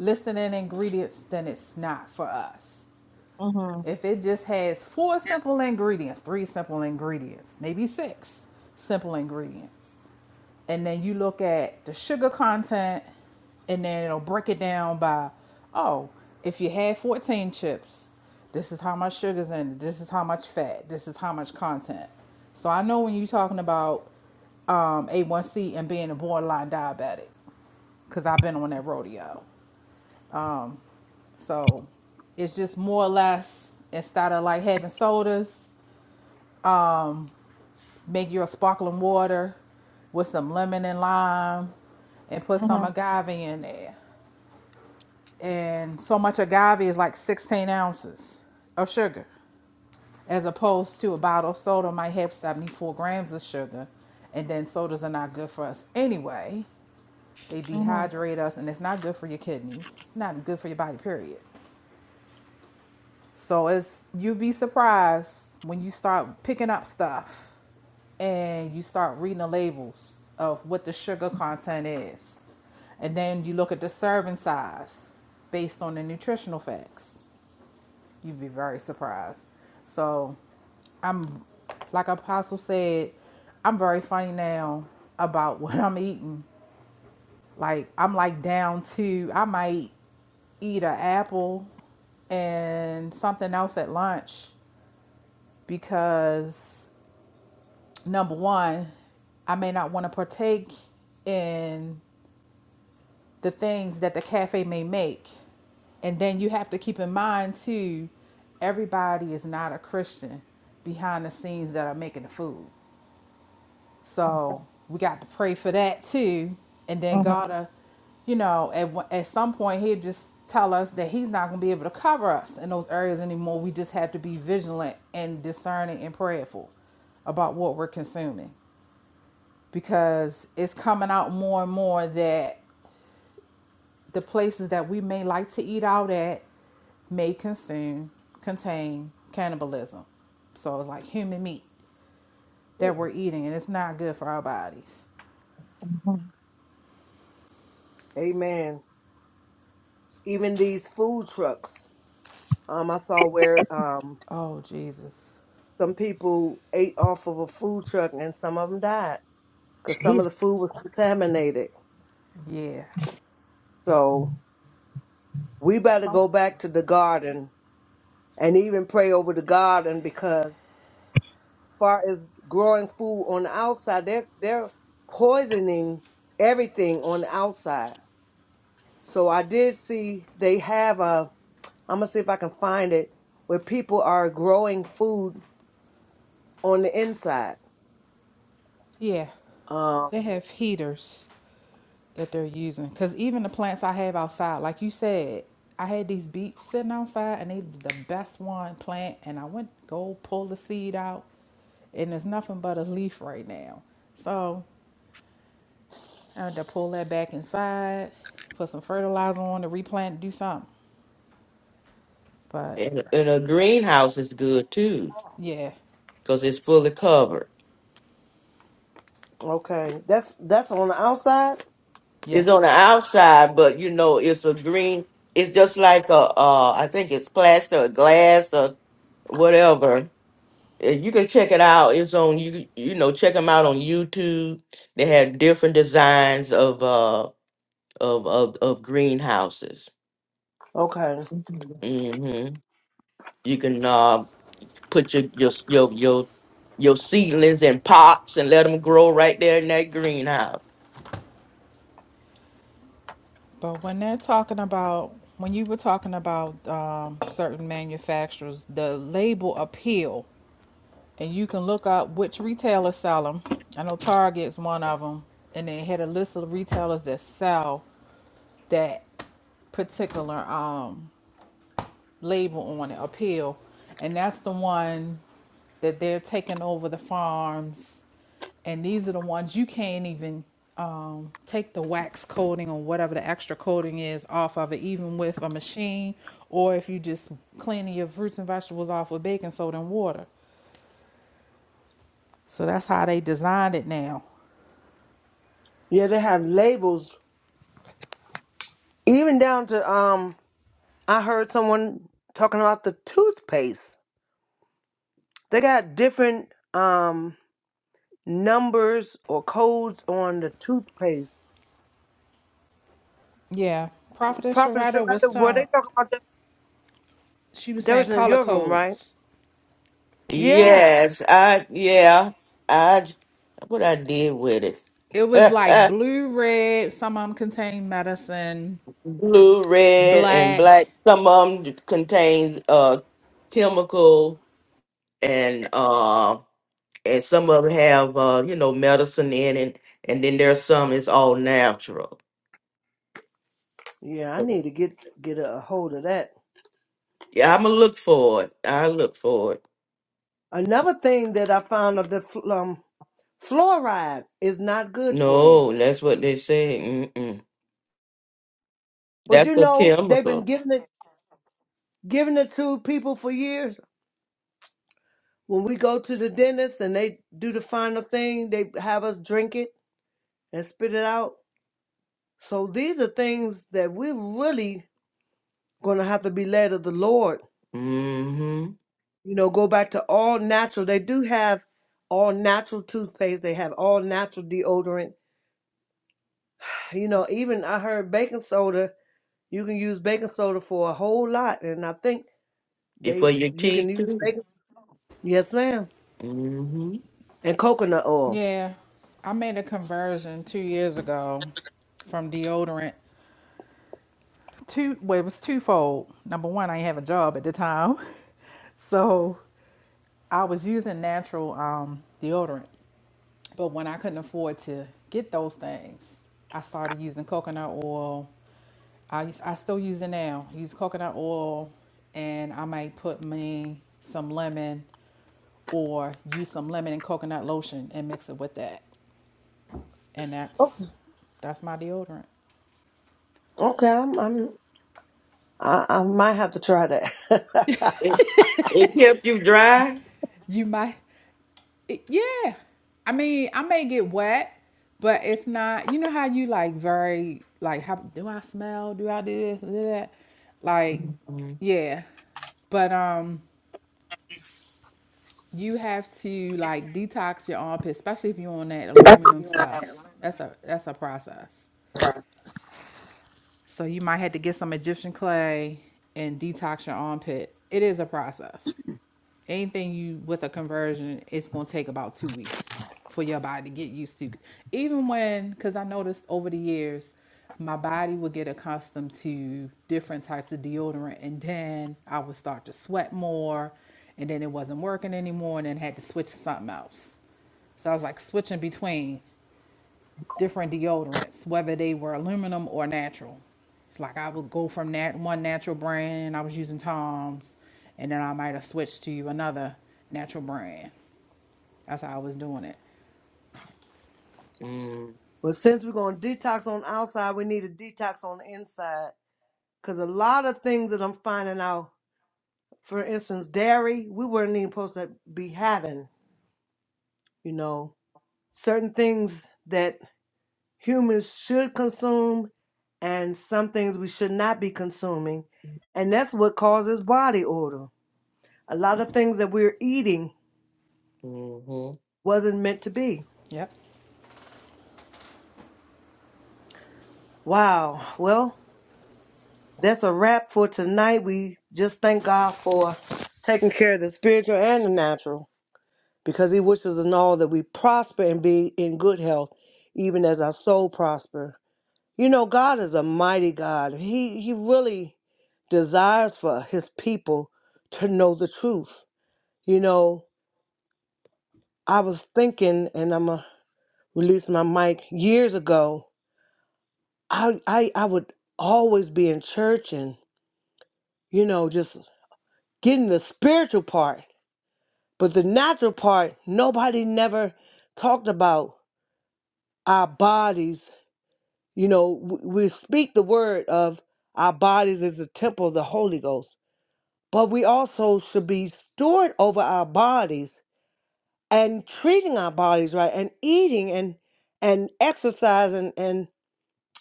Speaker 3: listed in ingredients, then it's not for us.
Speaker 6: Mhm.
Speaker 3: If it just has four simple ingredients, three simple ingredients, maybe six simple ingredients, and then you look at the sugar content, and then it'll break it down by, oh, if you had 14 chips, this is how much sugar's in it, this is how much fat, this is how much content. So I know when you're talking about um, A1C and being a borderline diabetic, because I've been on that rodeo. So it's just more or less instead of like having sodas Make your sparkling water with some lemon and lime and put some
Speaker 6: Mhm.
Speaker 3: agave in there. And so much agave is like 16 ounces of sugar, as opposed to a bottle of soda might have 74 grams of sugar. And then sodas are not good for us anyway. They
Speaker 6: Mhm.
Speaker 3: dehydrate us, and it's not good for your kidneys. It's not good for your body, period. So it's you'd be surprised when you start picking up stuff and you start reading the labels of what the sugar content is. And then you look at the serving size based on the nutritional facts. You'd be very surprised. So, like Apostle said, I'm very funny now about what I'm eating. Like, I'm like down to, I might eat an apple and something else at lunch because number one, I may not want to partake in the things that the cafe may make. And then you have to keep in mind, too, everybody is not a Christian behind the scenes that are making the food. So we got to pray for that, too. And then God, uh, you know, at, at some point, He'll just tell us that He's not going to be able to cover us in those areas anymore. We just have to be vigilant and discerning and prayerful about what we're consuming. because it's coming out more and more that the places that we may like to eat out at may consume contain cannibalism. So it's like human meat that
Speaker 6: Mhm.
Speaker 3: we're eating and it's not good for our bodies.
Speaker 6: mhm.
Speaker 1: Amen. Even these food trucks. Um, I saw where um
Speaker 3: Oh Jesus.
Speaker 1: some people ate off of a food truck and some of them died because some of the food was contaminated.
Speaker 3: Yeah.
Speaker 1: So we better
Speaker 3: So
Speaker 1: go back to the garden and even pray over the garden because far as growing food on the outside, they're they're poisoning everything on the outside. So I did see they have a I'm gonna see if I can find it where people are growing food on the inside.
Speaker 3: yeah.
Speaker 1: Um,
Speaker 3: They have heaters that they're using. Because even the plants I have outside, like you said, I had these beets sitting outside and they was the best one plant. And I went go pull the seed out and there's nothing but a leaf right now. So I had to pull that back inside, put some fertilizer on to replant, do something. But
Speaker 2: And, and a greenhouse is good too,
Speaker 3: yeah,
Speaker 2: because it's fully covered.
Speaker 1: Okay, that's that's on the outside.
Speaker 2: It's on the
Speaker 3: yes.
Speaker 2: outside, but you know, it's a green. It's just like a, uh, I think it's plaster or glass or whatever. Uh, You can check it out. It's on you. You know, check them out on YouTube. They have different designs of uh of of, of greenhouses.
Speaker 1: Okay,
Speaker 2: Mm-hmm. You can uh put your your s- your your your seedlings in pots and let them grow right there in that greenhouse.
Speaker 3: But when they're talking about, when you were talking about um, certain manufacturers, the label appeal and you can look up which retailers sell them. I know Target's one of them, and they had a list of retailers that sell that particular um, label on it, appeal, and that's the one that they're taking over the farms, and these are the ones you can't even um, take the wax coating or whatever the extra coating is off of it, even with a machine, or if you just cleaning your fruits and vegetables off with baking soda and water. So that's how they designed it now.
Speaker 1: yeah, they have labels even down to um. I heard someone talking about the toothpaste. They got different um numbers or codes on the toothpaste.
Speaker 3: Yeah,
Speaker 1: P-
Speaker 3: Prophetess
Speaker 1: Prophet
Speaker 3: Sharada was
Speaker 1: Sharetta, were they
Speaker 3: talking.
Speaker 1: talking about that?
Speaker 3: She was
Speaker 1: That
Speaker 3: saying
Speaker 1: was in
Speaker 3: color
Speaker 1: your room, right?
Speaker 3: codes.
Speaker 1: Yes.
Speaker 2: Yes, I yeah, I j- what I did with
Speaker 3: It was like
Speaker 2: it.
Speaker 3: blue, red. Some of them contained medicine.
Speaker 2: Blue, red, and black.
Speaker 3: Black.
Speaker 2: Some of them contains uh chemical and uh, and some of them have uh, you know medicine in it, and then there's some it's all natural.
Speaker 1: Yeah, I
Speaker 2: Mhm.
Speaker 1: need to get get a hold of that.
Speaker 2: Yeah, I'ma look for it. I look for it.
Speaker 1: Another thing that I found of the fl- um, fluoride is not good for you.
Speaker 2: No, that's what they say. Mm-mm.
Speaker 1: But
Speaker 2: That's
Speaker 1: you
Speaker 2: a
Speaker 1: know, they've been
Speaker 2: chemical.
Speaker 1: giving it giving it to people for years. When we go to the dentist and they do the final thing, they have us drink it and spit it out. So these are things that we're really going to have to be led of the Lord.
Speaker 2: Mm-hmm.
Speaker 1: You know, go back to all natural. They do have all natural toothpaste, they have all natural deodorant. You know, even I heard baking soda, you can use baking soda for a whole lot. And I think
Speaker 2: If for
Speaker 1: they,
Speaker 2: your
Speaker 1: you can
Speaker 2: teeth
Speaker 1: use
Speaker 2: too.
Speaker 1: baking, yes, ma'am,
Speaker 2: Mm-hmm.
Speaker 1: and coconut oil.
Speaker 3: Yeah, I made a conversion two years ago from deodorant. Two. Well, it was twofold. Number one, I didn't have a job at the time, so I was using natural um, deodorant. But when I couldn't afford to get those things, I started using coconut oil. I, I still use it now. Use coconut oil, and I might put me some lemon or use some lemon and coconut lotion and mix it with that. And
Speaker 1: Okay,
Speaker 3: that's that's my deodorant.
Speaker 1: okay, I'm, I'm I, I might have to try that. but
Speaker 2: It it kept you dry.
Speaker 3: You might. It- yeah. I mean, I may get wet, but it's not. You know how you like very like how do I smell? Do I do this? and Do that? Like,
Speaker 2: Mm-hmm.
Speaker 3: yeah. But um, you have to like detox your armpit, especially if you're on that aluminum stuff. That's a that's a process. So you might have to get some Egyptian clay and detox your armpit. It is a process. anything you with a conversion, it's gonna take about two weeks for your body to get used to. Even when, because I noticed over the years, my body would get accustomed to different types of deodorant, and then I would start to sweat more, and then it wasn't working anymore, and then had to switch to something else. So I was like switching between different deodorants, whether they were aluminum or natural. Like I would go from that one natural brand, I was using Tom's, and then I might have switched to another natural brand. That's how I was doing it.
Speaker 1: since we're going to detox on the outside, we need a detox on the inside. Because a lot of things that I'm finding out, for instance, dairy, we weren't even supposed to be having, you know, certain things that humans should consume and some things we should not be consuming. And that's what causes body odor. A lot of things that we're eating
Speaker 2: Mm-hmm.
Speaker 1: wasn't meant to be.
Speaker 3: Yep.
Speaker 1: Wow. Well, That's a wrap for tonight. We just thank God for taking care of the spiritual and the natural because He wishes in all that we prosper and be in good health, even as our soul prosper. You know, God is a mighty God. He, he really desires for His people to know the truth. You know, I was thinking, and I'm going to release my mic years ago, I, I, I would always be in church and, you know, just getting the spiritual part. But the natural part, nobody never talked about our bodies. You know, w- we speak the word of our bodies as the temple of the Holy Ghost, but we also should be steward over our bodies and treating our bodies right and eating and and exercising and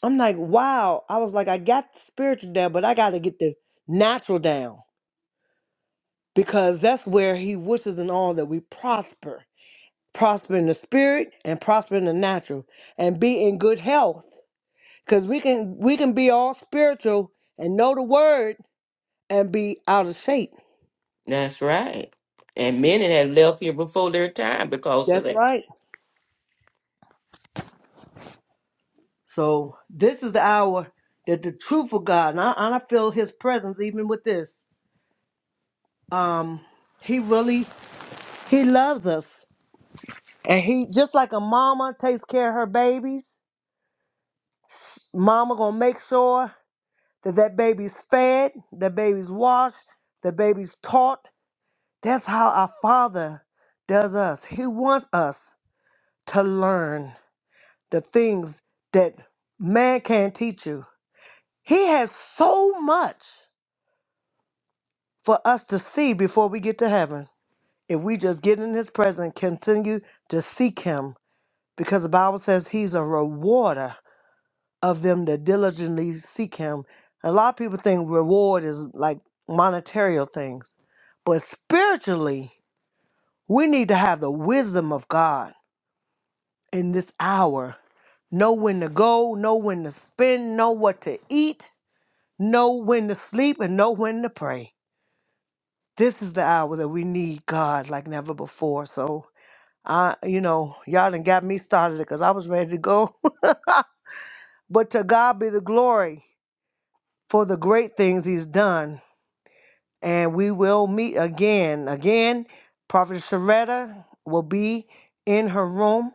Speaker 1: I'm like, wow. I was like, I got the spiritual down, but I got to get the natural down because that's where he wishes and all that we prosper prosper in the spirit and prosper in the natural and be in good health because we can we can be all spiritual and know the word and be out of shape
Speaker 2: That's right. And many had left here before their time because of that.
Speaker 1: that's right so this is the hour that the truth of god and i, and I feel his presence even with this um he really he loves us and he just like a mama takes care of her babies mama gonna make sure that that baby's fed that baby's washed that baby's taught That's how our Father does us. He wants us to learn the things that man can't teach you. He has so much for us to see before we get to heaven. If we just get in His presence, continue to seek Him, because the Bible says He's a rewarder of them that diligently seek Him. A lot of people think reward is like monetary things, but spiritually, we need to have the wisdom of God in this hour. Know when to go, know when to spend, know what to eat, know when to sleep, and know when to pray. This is the hour that we need God like never before. So, I, you know, y'all done got me started because I was ready to go. but to God be the glory for the great things He's done. And we will meet again. Again, Prophet Sharetta will be in her room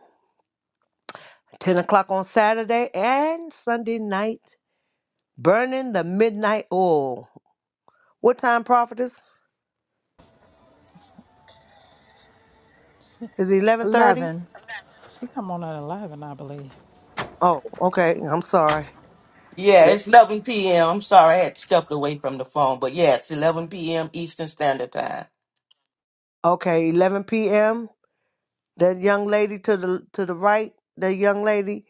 Speaker 1: 10 o'clock on Saturday and Sunday night Burning the midnight oil. What time, prophetess? Is it 11.30?
Speaker 3: 11. She come on at 11, I believe.
Speaker 1: Oh, okay. I'm sorry.
Speaker 2: Yeah,
Speaker 1: Maybe.
Speaker 2: it's 11 p.m. I'm sorry, I had stepped away from the phone, but yeah, it's 11 p.m. Eastern Standard Time.
Speaker 1: Okay, 11 p.m. That young lady to the to the right, that young lady,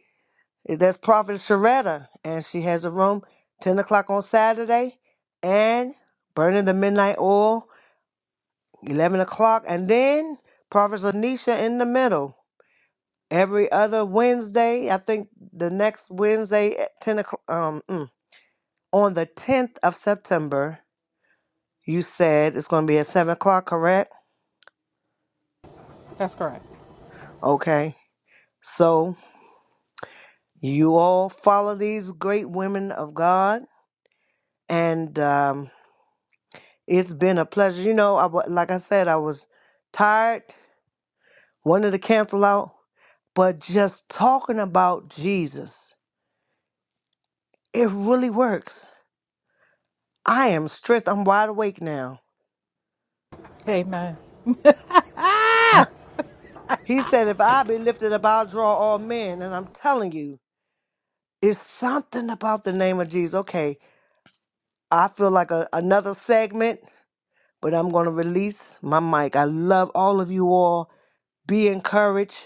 Speaker 1: that's Prophet Sharetta, and she has a room 10 o'clock on Saturday, and burning the midnight oil 11 o'clock, and then Prophet Anisha in the middle every other Wednesday. I think the next Wednesday at 10 o'clock. Um, mm. on the 10th of September, you said it's going to be at 7 o'clock, correct?
Speaker 3: That's correct.
Speaker 1: Okay. So you all follow these great women of God, and um, it's been a pleasure. You know, I, wa- like I said, I was tired, wanted to cancel out, but just talking about Jesus, it really works. I am strict. I'm wide awake now.
Speaker 3: Amen.
Speaker 1: He said, if I be lifted up, I'll draw all men. And I'm telling you, it's something about the name of Jesus. Okay. I feel like a, another segment, but I'm going to release my mic. I love all of you all. Be encouraged.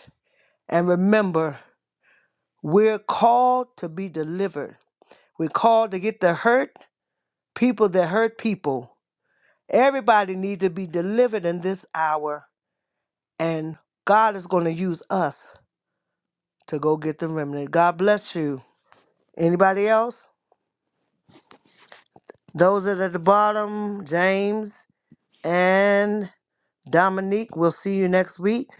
Speaker 1: And remember, we're called to be delivered. We're called to get the hurt people that hurt people. Everybody needs to be delivered in this hour. And God is going to use us to go get the remnant. God bless you. Anybody else? Those that are at the bottom, James and Dominique, we'll see you next week.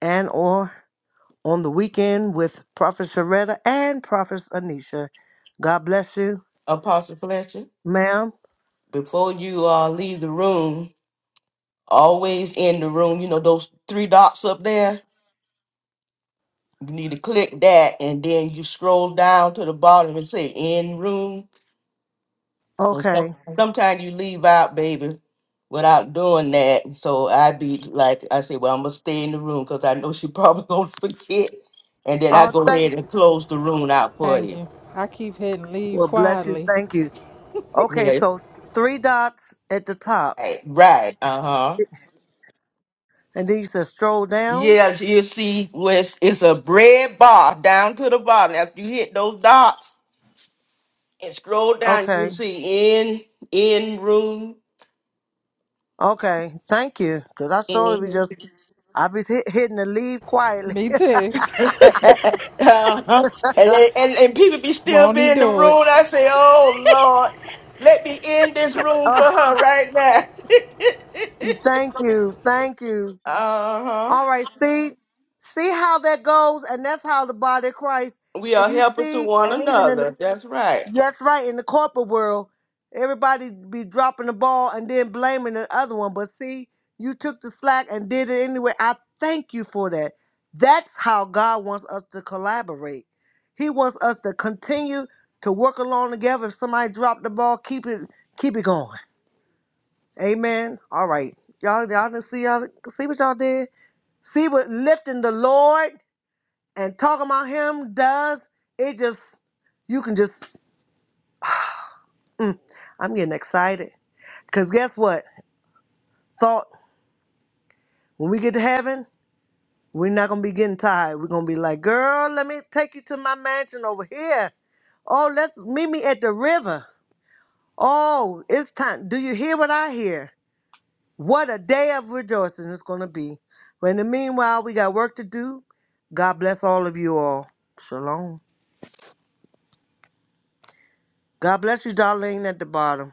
Speaker 1: and or on the weekend with Prophet Sharetta and Prophet Anisha. God bless you,
Speaker 2: Apostle Fletcher,
Speaker 1: ma'am.
Speaker 2: before you uh, leave the room, always in the room, you know, those three dots up there, you need to click that and then you scroll down to the bottom and say in room. Because
Speaker 1: Okay.
Speaker 2: sometimes you leave out, baby, without doing that. So I be like, I say, well, I'm going to stay in the room because I know she probably going to forget. And then I
Speaker 1: Oh,
Speaker 2: go
Speaker 1: thank
Speaker 2: ahead and
Speaker 1: you.
Speaker 2: close the room out for
Speaker 3: Thank
Speaker 2: you.
Speaker 3: you. I keep hitting leave
Speaker 1: Well, bless you.
Speaker 3: quietly.
Speaker 1: Thank you. Okay,
Speaker 2: Yeah.
Speaker 1: so three dots at the top,
Speaker 2: Right. right. Uh huh.
Speaker 1: and then you said stroll down.
Speaker 2: Yeah, you see, where it's, it's a red bar down to the bottom. After you hit those dots and scroll down, you
Speaker 1: Okay.
Speaker 2: see in in room.
Speaker 1: Okay. Thank you, because I surely be
Speaker 2: Mhm.
Speaker 1: just I be hit, hitting the leave quietly.
Speaker 3: Me too.
Speaker 2: uh-huh. and, then- and and people be still
Speaker 3: Won't he
Speaker 2: be in the
Speaker 3: do it?
Speaker 2: room. I say, oh Lord, let me in this room for
Speaker 1: oh,
Speaker 2: her right now.
Speaker 1: you- thank you, thank you.
Speaker 2: uh huh.
Speaker 1: All right, see, see how that goes, and that's how the body of Christ.
Speaker 2: We
Speaker 1: If
Speaker 2: are
Speaker 1: you
Speaker 2: helping to
Speaker 1: see,
Speaker 2: one
Speaker 1: and even in the
Speaker 2: another. That's right.
Speaker 1: That's right. In the corporate world, everybody be dropping the ball and then blaming the other one. But see, you took the slack and did it anyway. I thank you for that. That's how God wants us to collaborate. He wants us to continue to work along together. If somebody dropped the ball, keep it keep it going. Amen. All right. Y'all y'all didn't see y'all see what y'all did? See what lifting the Lord and talking about him does? It just you can just mm, I'm getting excited. Because guess what? Thought, when we get to heaven, we're not going to be getting tired. We're going to be like, girl, let me take you to my mansion over here. Oh, let's meet me at the river. Oh, it's time. Do you hear what I hear? What a day of rejoicing it's going to be. But in the meanwhile, we got work to do. God bless all of you all. Shalom. God bless you, Darlene, at the bottom.